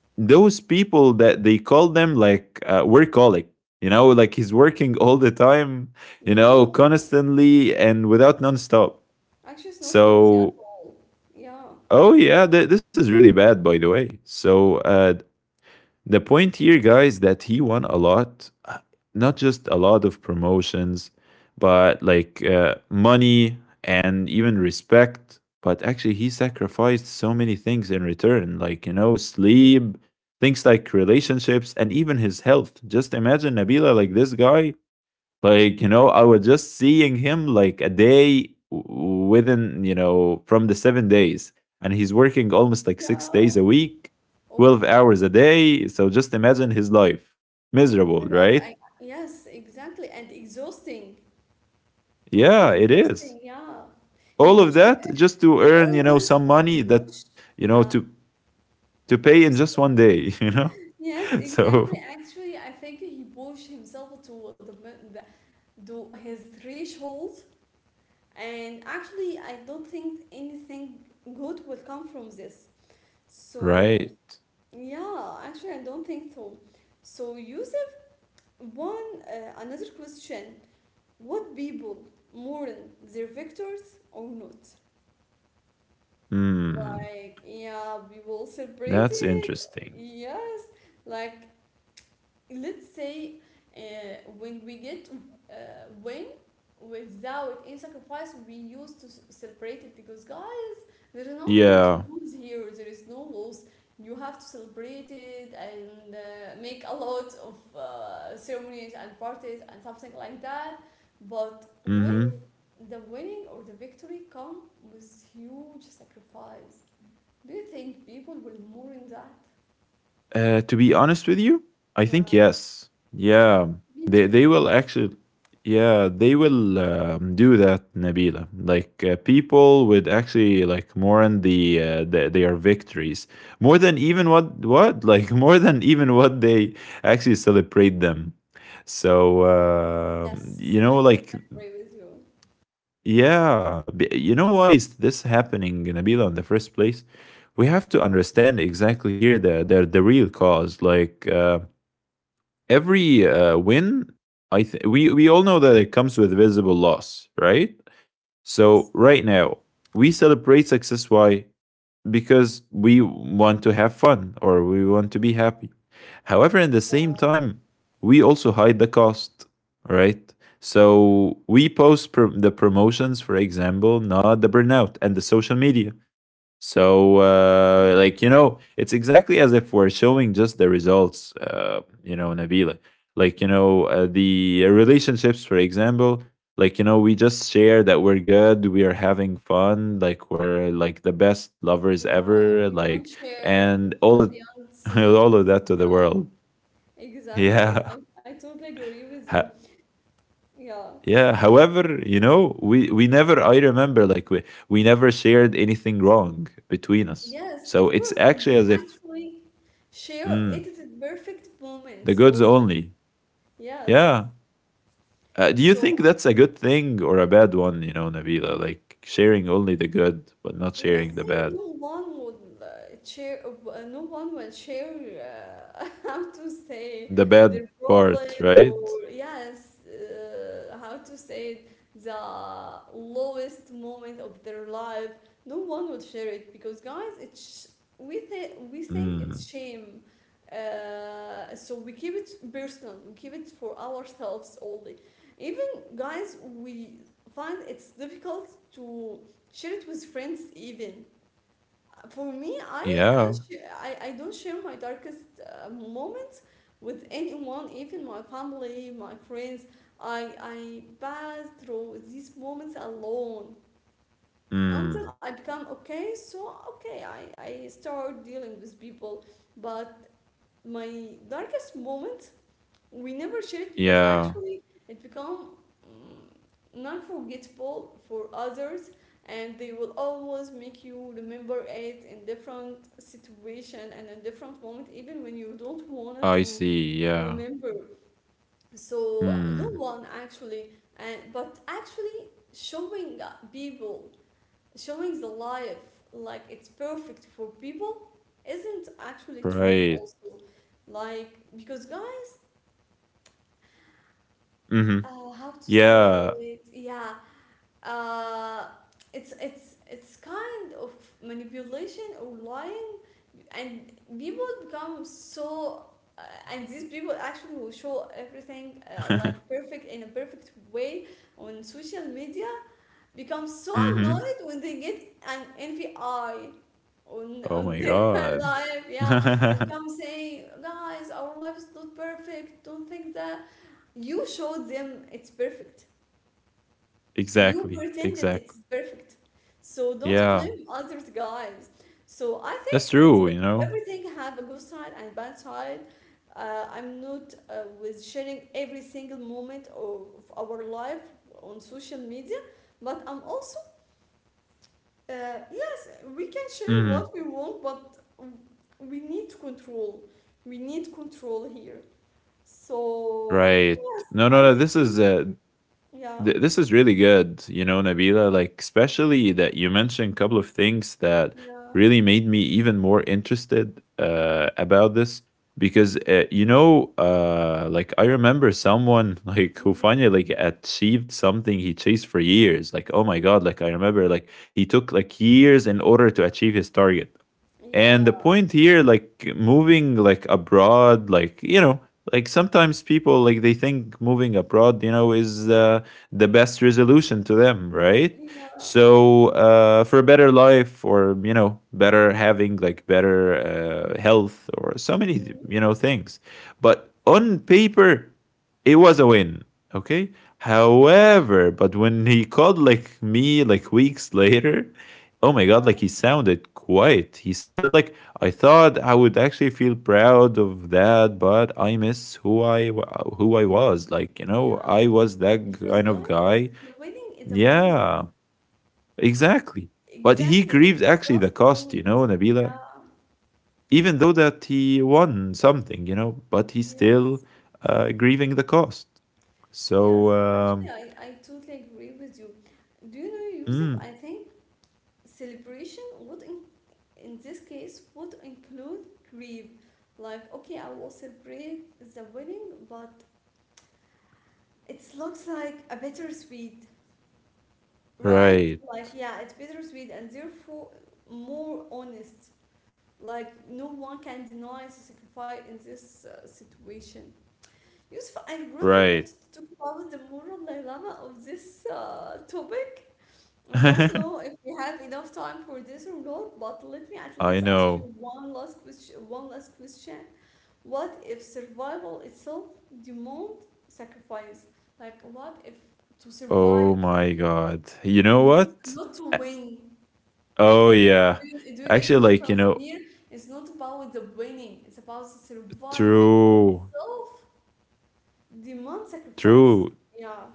[SPEAKER 2] those people that they call them like workaholic. You know, like he's working all the time, you
[SPEAKER 1] Yeah.
[SPEAKER 2] know, constantly and without nonstop.
[SPEAKER 1] Actually, it's not healthy at
[SPEAKER 2] So
[SPEAKER 1] all. Yeah.
[SPEAKER 2] oh yeah, this is really bad, by the way. So the point here, guys, that he won a lot, not just a lot of promotions, but like money and even respect. But actually, he sacrificed so many things in return, like, you know, sleep, things like relationships, and even his health. Just imagine, Nabila, like this guy, like, you know, I was just seeing him like a day within, you know, from the 7 days. And he's working almost like six
[SPEAKER 1] Yeah.
[SPEAKER 2] days a week,
[SPEAKER 1] Oh my
[SPEAKER 2] 12
[SPEAKER 1] God.
[SPEAKER 2] hours a day. So just imagine his life.
[SPEAKER 1] Oh my
[SPEAKER 2] Miserable,
[SPEAKER 1] God.
[SPEAKER 2] right?
[SPEAKER 1] I Yes, exactly. And exhausting. Totally
[SPEAKER 2] Yeah, it is.
[SPEAKER 1] exhausting. Yeah. He
[SPEAKER 2] All
[SPEAKER 1] push.
[SPEAKER 2] of that just to
[SPEAKER 1] He
[SPEAKER 2] earn, you know,
[SPEAKER 1] always
[SPEAKER 2] some money that,
[SPEAKER 1] push.
[SPEAKER 2] you know,
[SPEAKER 1] Yeah.
[SPEAKER 2] to pay
[SPEAKER 1] I'm
[SPEAKER 2] in just
[SPEAKER 1] sorry.
[SPEAKER 2] one day, you know?
[SPEAKER 1] Yes, exactly.
[SPEAKER 2] So,
[SPEAKER 1] Actually, I think he pushed himself to the to his threshold. And actually, I don't think anything good will come from this. So,
[SPEAKER 2] right.
[SPEAKER 1] yeah, actually, I don't think so. So, Yusuf, one another question. Would people mourn their victors or not?
[SPEAKER 2] Hmm.
[SPEAKER 1] Like, yeah, we will
[SPEAKER 2] That's
[SPEAKER 1] celebrate it.
[SPEAKER 2] interesting.
[SPEAKER 1] Yes, like let's say uh, when we get uh, win without any sacrifice, we used to celebrate it, because guys, there is nothing to
[SPEAKER 2] Yeah.
[SPEAKER 1] lose here, there is no loss. You have to celebrate it and make a lot of ceremonies and parties and something like that. But when
[SPEAKER 2] Mm-hmm.
[SPEAKER 1] the winning or the victory come with huge sacrifice, do you think people will mourn that?
[SPEAKER 2] To be honest with you, I think
[SPEAKER 1] Yeah,
[SPEAKER 2] yes.
[SPEAKER 1] yeah,
[SPEAKER 2] Yeah,
[SPEAKER 1] me too.
[SPEAKER 2] they will actually. Yeah, they will do that, Nabila. Like people would actually like mourn the their victories more than even what like more than even what they actually celebrate them. So you
[SPEAKER 1] Yes,
[SPEAKER 2] know,
[SPEAKER 1] I totally
[SPEAKER 2] like
[SPEAKER 1] agree with you.
[SPEAKER 2] yeah, you know why is this happening, Nabila, in the first place? We have to understand exactly here the real cause. Like. Every win, we all know that it comes with visible loss, right? So right now we celebrate success. Why? Because we want to have fun or we want to be happy. However, at the same
[SPEAKER 1] Yeah,
[SPEAKER 2] time, we also hide the cost, right? So we post the promotions, for example, not the burnout and the social media. So, like, you know, it's exactly as if we're showing just the results, you know, Nabila. Like, you know, the relationships, for example, like, you know, we just share that we're good, we are having fun, like, we're like the best lovers
[SPEAKER 1] yeah,
[SPEAKER 2] ever,
[SPEAKER 1] we don't
[SPEAKER 2] like,
[SPEAKER 1] share
[SPEAKER 2] and all
[SPEAKER 1] what
[SPEAKER 2] of,
[SPEAKER 1] beyond
[SPEAKER 2] all
[SPEAKER 1] scenes.
[SPEAKER 2] of that to the
[SPEAKER 1] Yeah,
[SPEAKER 2] world.
[SPEAKER 1] exactly.
[SPEAKER 2] Yeah.
[SPEAKER 1] I totally agree with you.
[SPEAKER 2] Ha-
[SPEAKER 1] Yeah,
[SPEAKER 2] yeah. However, you know, we never, I remember, like, we never shared anything wrong between us.
[SPEAKER 1] yes, of
[SPEAKER 2] So
[SPEAKER 1] course,
[SPEAKER 2] it's actually
[SPEAKER 1] we
[SPEAKER 2] as if
[SPEAKER 1] actually share
[SPEAKER 2] Mm,
[SPEAKER 1] edited perfect moments
[SPEAKER 2] the goods
[SPEAKER 1] only.
[SPEAKER 2] only.
[SPEAKER 1] Yes,
[SPEAKER 2] Yeah. Do you
[SPEAKER 1] so
[SPEAKER 2] think that's a good thing or a bad one, you know, Nabila? Like sharing only the good, but not
[SPEAKER 1] let's
[SPEAKER 2] sharing the
[SPEAKER 1] say
[SPEAKER 2] bad.
[SPEAKER 1] no one would share, no one will share how to say
[SPEAKER 2] The
[SPEAKER 1] their
[SPEAKER 2] bad
[SPEAKER 1] problem,
[SPEAKER 2] part,
[SPEAKER 1] or
[SPEAKER 2] right?
[SPEAKER 1] yes, how to say it, the lowest moment of their life. No one would share it because guys, it's, we think
[SPEAKER 2] Mm.
[SPEAKER 1] it's shame. So we keep it personal. We keep it for ourselves only. Even guys, we find it's difficult to share it with friends, even for me. i i,
[SPEAKER 2] Yeah.
[SPEAKER 1] sh- I, I don't share my darkest moments with anyone, even my family, my friends. I pass through these moments alone until
[SPEAKER 2] Mm.
[SPEAKER 1] I become okay. So okay, I start dealing with people. But my darkest moment, we never share it because
[SPEAKER 2] Yeah.
[SPEAKER 1] actually it become mm, non-forgettable for others, and they will always make you remember it in different situation and in different moment, even when you don't want
[SPEAKER 2] I see.
[SPEAKER 1] to
[SPEAKER 2] Yeah.
[SPEAKER 1] remember. So no
[SPEAKER 2] Mm.
[SPEAKER 1] one actually, and but actually showing people, showing the life like it's perfect for people isn't actually true
[SPEAKER 2] Right.
[SPEAKER 1] also, like because guys,
[SPEAKER 2] Mm-hmm.
[SPEAKER 1] how to say
[SPEAKER 2] Yeah.
[SPEAKER 1] it? Yeah, uh, it's kind of manipulation or lying, and people become so. Uh, and these people actually will show everything like perfect in a perfect way on social media, become so
[SPEAKER 2] Mm-hmm.
[SPEAKER 1] annoyed when they get an envy eye
[SPEAKER 2] Oh
[SPEAKER 1] on
[SPEAKER 2] my
[SPEAKER 1] their
[SPEAKER 2] God.
[SPEAKER 1] life. Yeah, and come saying guys, our life is not perfect, don't think that. You showed them it's perfect, you
[SPEAKER 2] Exactly.
[SPEAKER 1] pretended
[SPEAKER 2] Exactly.
[SPEAKER 1] it's perfect. So don't
[SPEAKER 2] Yeah.
[SPEAKER 1] blame others, guys. So I
[SPEAKER 2] That's
[SPEAKER 1] think
[SPEAKER 2] true, you
[SPEAKER 1] it's
[SPEAKER 2] know?
[SPEAKER 1] everything have a good side and bad side. I'm not with sharing every single moment of our life on social media, but I'm also yes, we can share what
[SPEAKER 2] Mm.
[SPEAKER 1] we want, but we need control. We need control here. So
[SPEAKER 2] Right.
[SPEAKER 1] yes,
[SPEAKER 2] No,
[SPEAKER 1] I
[SPEAKER 2] no, no.
[SPEAKER 1] think
[SPEAKER 2] This is
[SPEAKER 1] yeah,
[SPEAKER 2] this is really good. You know, Nabila. Like, especially that you mentioned a couple of things that
[SPEAKER 1] yeah,
[SPEAKER 2] really made me even more interested about this because like I remember someone like who
[SPEAKER 1] hmm,
[SPEAKER 2] finally like achieved something he chased for years. Like, oh my god! Like I remember, like he took like years in order to achieve his target. And the
[SPEAKER 1] yeah,
[SPEAKER 2] point here, like moving like abroad, like you know, like sometimes people like they think moving abroad, you know, is the best resolution to them, right?
[SPEAKER 1] yeah.
[SPEAKER 2] So for a better life, or you know, better having like better health, or so many
[SPEAKER 1] Mm,
[SPEAKER 2] you know things. But on paper, it was a win. Okay.
[SPEAKER 1] okay.
[SPEAKER 2] However, but when he called like me like weeks later, oh my
[SPEAKER 1] Yeah,
[SPEAKER 2] god, like he sounded quiet. He said like I thought I would actually feel proud of that, but I miss who I who I was. Like, you know,
[SPEAKER 1] yeah.
[SPEAKER 2] I was that
[SPEAKER 1] Because
[SPEAKER 2] kind of
[SPEAKER 1] guys,
[SPEAKER 2] guy.
[SPEAKER 1] the wedding is a moment.
[SPEAKER 2] Yeah. Exactly. But he
[SPEAKER 1] Exactly, it's
[SPEAKER 2] grieved
[SPEAKER 1] a
[SPEAKER 2] actually
[SPEAKER 1] just
[SPEAKER 2] the
[SPEAKER 1] a
[SPEAKER 2] cost, you know,
[SPEAKER 1] moment.
[SPEAKER 2] Nabila.
[SPEAKER 1] Yeah.
[SPEAKER 2] Even though that he won something, you know, but he's
[SPEAKER 1] Yes.
[SPEAKER 2] still grieving the cost.
[SPEAKER 1] Yes.
[SPEAKER 2] So
[SPEAKER 1] Actually, I totally agree with you. Do you know, Yusuf?
[SPEAKER 2] mm,
[SPEAKER 1] I think celebration would in this case would include grief. Like, okay, I will celebrate the wedding, but it looks like a bittersweet, right?
[SPEAKER 2] right.
[SPEAKER 1] Like, yeah, it's bittersweet and therefore more honest. Like no one can deny the sacrifice in this situation. Yusuf, I really wanted
[SPEAKER 2] Right.
[SPEAKER 1] to talk about the moral dilemma of this topic. I don't know if we have enough time for this or not, but let me at
[SPEAKER 2] I
[SPEAKER 1] least ask you
[SPEAKER 2] know.
[SPEAKER 1] one last question. One last question: what if survival itself demands sacrifice? Like, what if to
[SPEAKER 2] Oh
[SPEAKER 1] survive,
[SPEAKER 2] my god. You know what?
[SPEAKER 1] not to
[SPEAKER 2] A-
[SPEAKER 1] win?
[SPEAKER 2] Oh yeah.
[SPEAKER 1] Do you
[SPEAKER 2] Actually
[SPEAKER 1] get the
[SPEAKER 2] like, you
[SPEAKER 1] difference
[SPEAKER 2] know,
[SPEAKER 1] here? It's not about the winning, it's about surviving.
[SPEAKER 2] true.
[SPEAKER 1] Self demand
[SPEAKER 2] True.
[SPEAKER 1] sacrifice. Yeah.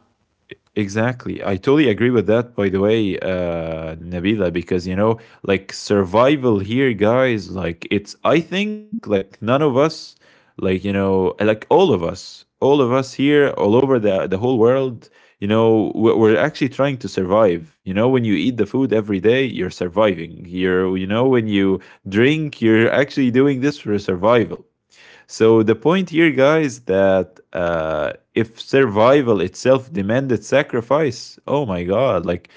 [SPEAKER 2] Exactly. I totally agree with that, by the way, Nabila, because, you know, like survival here, guys, like it's, I think, like none of us, like, you know, like all of us here, all over the whole world, you know, we're actually trying to survive. You know, when you eat the food every day, you're surviving. You're, you know, when you drink, you're actually doing this for survival. So the point here, guys, that if survival itself demanded sacrifice, oh my god! Like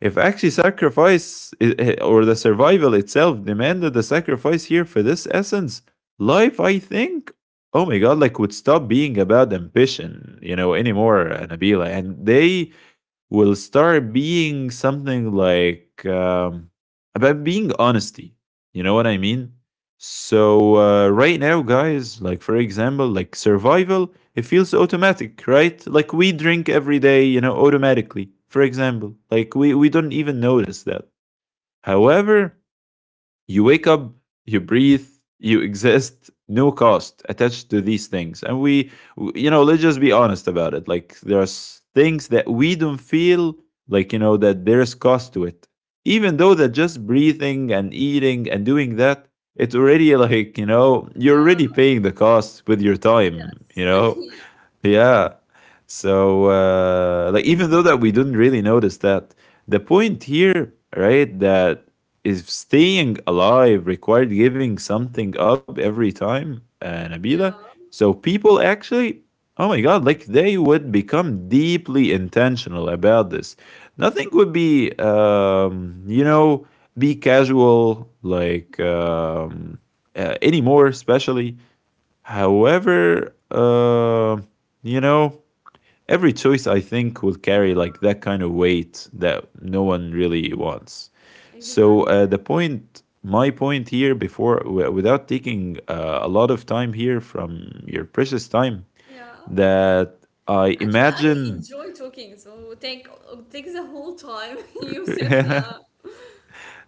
[SPEAKER 2] if actually sacrifice I- or the survival itself demanded the sacrifice here for this essence, life, I think, oh my god, like would stop being about ambition, you know, anymore, Nabila. And they will start being something like about being honesty. You know what I mean? So right now, guys, like for example, like survival, it feels automatic, right? Like we drink every day, you know, automatically. For example, like we don't even notice that. However, you wake up, you breathe, you exist, no cost attached to these things. And you know, let's just be honest about it. Like, there's things that we don't feel like, you know, that there's cost to it. Even though that just breathing and eating and doing that, it's already like, you know, you're already
[SPEAKER 1] Yeah,
[SPEAKER 2] paying the cost with your time, you know?
[SPEAKER 1] yeah,
[SPEAKER 2] Yeah. So like even though that we didn't really notice that, the point here, right, that is staying alive required giving something up every time, Nabila.
[SPEAKER 1] yeah,
[SPEAKER 2] So people actually, oh my god, like they would become deeply intentional about this. Nothing would be, you know, be casual like anymore, especially. However, you know, every choice I think will carry
[SPEAKER 1] yeah,
[SPEAKER 2] like that kind of weight that no one really wants. So
[SPEAKER 1] exactly.
[SPEAKER 2] my point here, before without taking a lot of time here from your precious time,
[SPEAKER 1] Yeah.
[SPEAKER 2] that I
[SPEAKER 1] Actually, I
[SPEAKER 2] imagine
[SPEAKER 1] enjoy talking, so take the whole time, Yusuf. Yeah,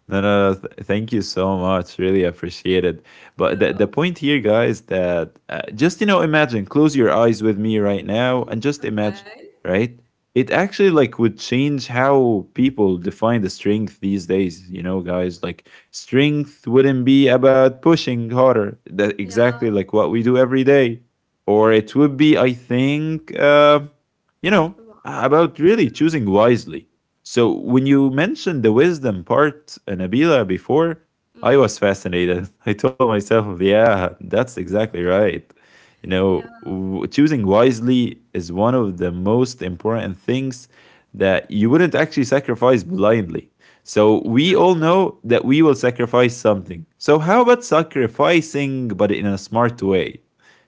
[SPEAKER 2] No, no, no. Thank you so much. Really appreciate it. But the
[SPEAKER 1] yeah.
[SPEAKER 2] point here, guys, that just, you know, imagine, close your eyes with me right now
[SPEAKER 1] Mm,
[SPEAKER 2] and just imagine,
[SPEAKER 1] okay.
[SPEAKER 2] right? It actually like would change how people define the strength these days, you know, guys. Like strength wouldn't be about pushing harder, that
[SPEAKER 1] Yeah.
[SPEAKER 2] exactly like what we do every day, or it would be, I think, you know,
[SPEAKER 1] Wow.
[SPEAKER 2] about really choosing wisely. So when you mentioned the wisdom part, Nabila, before, I was
[SPEAKER 1] Mm,
[SPEAKER 2] fascinated. I told myself, yeah, that's exactly right. You know,
[SPEAKER 1] yeah.
[SPEAKER 2] choosing wisely is one of the most important things that you wouldn't actually sacrifice blindly. So we all
[SPEAKER 1] Exactly.
[SPEAKER 2] know that we will sacrifice something. So how about sacrificing but in a smart way?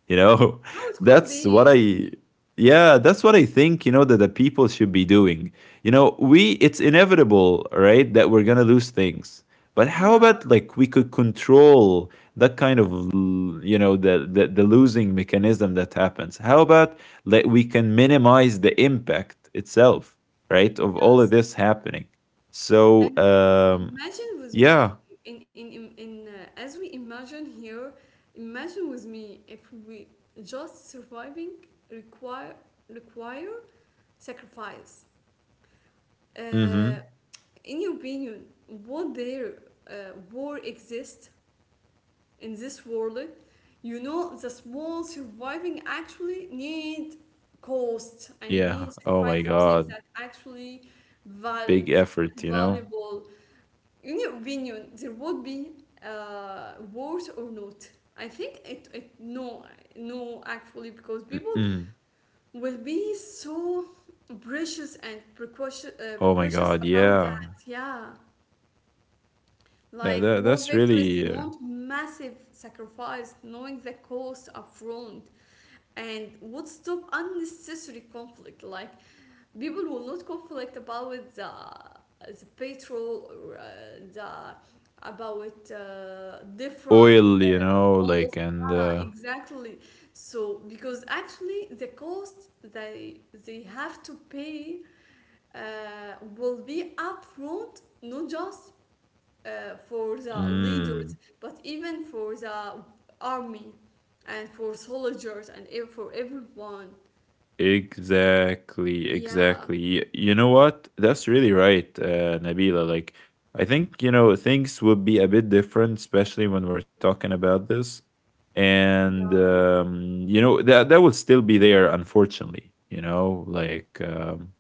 [SPEAKER 2] You know,
[SPEAKER 1] How it could
[SPEAKER 2] that's what
[SPEAKER 1] be.
[SPEAKER 2] I, yeah, that's what I think, you know, that the people should be doing. You know, we it's inevitable, right, that we're gonna lose things. But how about
[SPEAKER 1] Yeah.
[SPEAKER 2] like we could control that kind of you know the losing mechanism that happens? How about that we can minimize the impact itself, right, of all of
[SPEAKER 1] Yes.
[SPEAKER 2] this happening? So
[SPEAKER 1] Imagine with
[SPEAKER 2] yeah.
[SPEAKER 1] me in as we imagine here, imagine with me if we just surviving require require sacrifice.
[SPEAKER 2] Mm-hmm.
[SPEAKER 1] Uh, in your opinion, would there war exist in this world? You know, the small surviving actually need cost and
[SPEAKER 2] Yeah.
[SPEAKER 1] need
[SPEAKER 2] Oh my
[SPEAKER 1] sacrifice, something
[SPEAKER 2] God.
[SPEAKER 1] that actually valid
[SPEAKER 2] Big effort,
[SPEAKER 1] and
[SPEAKER 2] you know?
[SPEAKER 1] valuable. In your opinion, there would be wars or not? I think it, it no, no actually, because people
[SPEAKER 2] Mm-mm.
[SPEAKER 1] will be so precious and precautious, uh,
[SPEAKER 2] Oh my
[SPEAKER 1] precautious
[SPEAKER 2] God.
[SPEAKER 1] about
[SPEAKER 2] Yeah.
[SPEAKER 1] that. Yeah,
[SPEAKER 2] That,
[SPEAKER 1] like
[SPEAKER 2] that,
[SPEAKER 1] war
[SPEAKER 2] that's
[SPEAKER 1] victories
[SPEAKER 2] really
[SPEAKER 1] demand massive sacrifice, knowing the cost upfront, and would stop unnecessary conflict. Like people will not conflict about the, the petrol, or the, about different
[SPEAKER 2] oil, you know, like,
[SPEAKER 1] walls.
[SPEAKER 2] and
[SPEAKER 1] Yeah, exactly. So because actually the cost they have to pay will be upfront, not just for the leaders,
[SPEAKER 2] Mm,
[SPEAKER 1] but even for the army and for soldiers and for everyone.
[SPEAKER 2] exactly,
[SPEAKER 1] Yeah,
[SPEAKER 2] exactly. You know what? That's really right, Nabila. Like, I think, you know, things would be a bit different, especially when we're talking about this. And,
[SPEAKER 1] yeah,
[SPEAKER 2] you know, that, that will still be there, unfortunately, you know, like, um,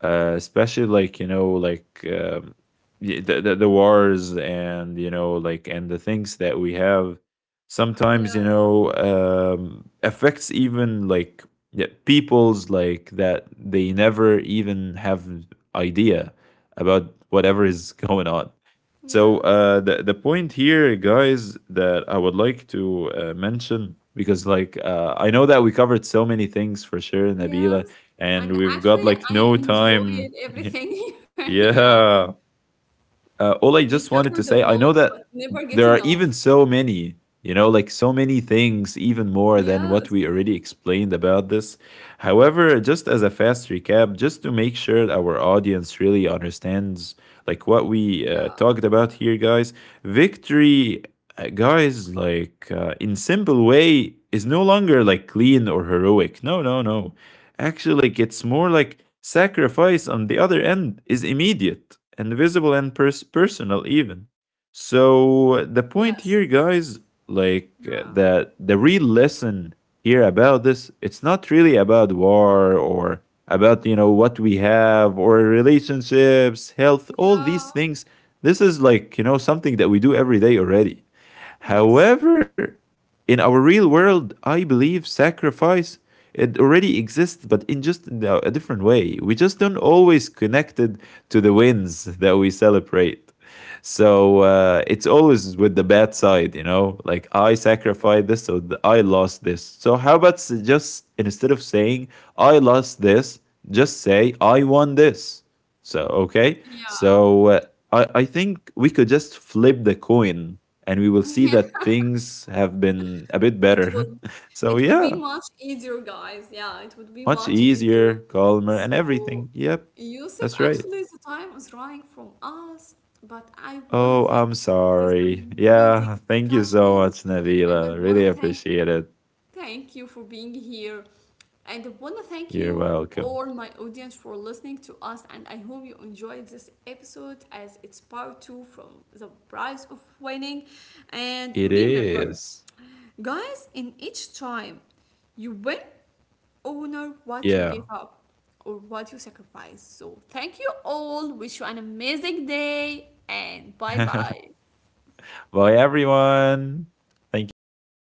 [SPEAKER 2] uh, especially like you know like the wars and you know like and the things that we have sometimes you
[SPEAKER 1] yeah,
[SPEAKER 2] know affects even like yeah, people's like that they never even have idea about whatever is going on. So
[SPEAKER 1] yes.
[SPEAKER 2] the point here, guys, that I would like to mention because like I know that we covered so many things for sure, Nabila,
[SPEAKER 1] Yes, and
[SPEAKER 2] and we've
[SPEAKER 1] actually,
[SPEAKER 2] got like
[SPEAKER 1] I
[SPEAKER 2] no
[SPEAKER 1] enjoyed
[SPEAKER 2] time.
[SPEAKER 1] everything. Yeah,
[SPEAKER 2] Yeah, all I
[SPEAKER 1] we
[SPEAKER 2] just
[SPEAKER 1] covered
[SPEAKER 2] wanted
[SPEAKER 1] a
[SPEAKER 2] to say,
[SPEAKER 1] lot,
[SPEAKER 2] I know
[SPEAKER 1] but
[SPEAKER 2] that
[SPEAKER 1] never get
[SPEAKER 2] there are
[SPEAKER 1] enough.
[SPEAKER 2] even so many, you know, like so many things, even more than
[SPEAKER 1] Yes,
[SPEAKER 2] what we already explained about this. However, just as a fast recap, just to make sure our audience really understands like what we
[SPEAKER 1] yeah,
[SPEAKER 2] talked about here, guys, victory, guys, like in simple way, is no longer like clean or heroic. No, no, no. Actually, like it's more like sacrifice on the other end is immediate and visible and personal even. So the point here,
[SPEAKER 1] yes,
[SPEAKER 2] guys, like uh,
[SPEAKER 1] yeah,
[SPEAKER 2] the the real lesson here about this, it's not really about war or about you know what we have or relationships, health, all
[SPEAKER 1] yeah,
[SPEAKER 2] these things. This is like you know something that we do every day already.
[SPEAKER 1] yes,
[SPEAKER 2] However, in our real world, I believe sacrifice it already exists, but in just a different way. We just don't always connect it to the wins that we celebrate. So it's always with the bad side, you know. Like I sacrificed this, so I lost this. So how about just instead of saying I lost this, just say I won this. So okay.
[SPEAKER 1] yeah,
[SPEAKER 2] So I think we could just flip the coin and we will
[SPEAKER 1] yeah.
[SPEAKER 2] see that things have been a bit
[SPEAKER 1] It would,
[SPEAKER 2] better.
[SPEAKER 1] it
[SPEAKER 2] So
[SPEAKER 1] would be
[SPEAKER 2] yeah,
[SPEAKER 1] much easier, guys. Yeah, it would be much
[SPEAKER 2] much
[SPEAKER 1] easier.
[SPEAKER 2] easier, calmer, and
[SPEAKER 1] So,
[SPEAKER 2] everything. Yep,
[SPEAKER 1] Yusuf,
[SPEAKER 2] that's right.
[SPEAKER 1] actually, the time is running from us, but I want to
[SPEAKER 2] Oh,
[SPEAKER 1] thank
[SPEAKER 2] I'm
[SPEAKER 1] you for this
[SPEAKER 2] sorry. Yeah,
[SPEAKER 1] amazing
[SPEAKER 2] thank you so
[SPEAKER 1] discussion,
[SPEAKER 2] much,
[SPEAKER 1] and I
[SPEAKER 2] Navila. Really
[SPEAKER 1] want to thank—
[SPEAKER 2] appreciate it.
[SPEAKER 1] thank you for being here. And I want to thank
[SPEAKER 2] You're
[SPEAKER 1] you,
[SPEAKER 2] welcome.
[SPEAKER 1] all my audience, for listening to us. And I hope you enjoyed this episode, as it's part 2 from The Price of Winning. And
[SPEAKER 2] It
[SPEAKER 1] remember,
[SPEAKER 2] is.
[SPEAKER 1] guys, in each time you win, honor what you give
[SPEAKER 2] Yeah.
[SPEAKER 1] up or what you sacrifice. So thank you all. Wish you an amazing day and bye bye.
[SPEAKER 2] Bye, everyone. Thank you so much.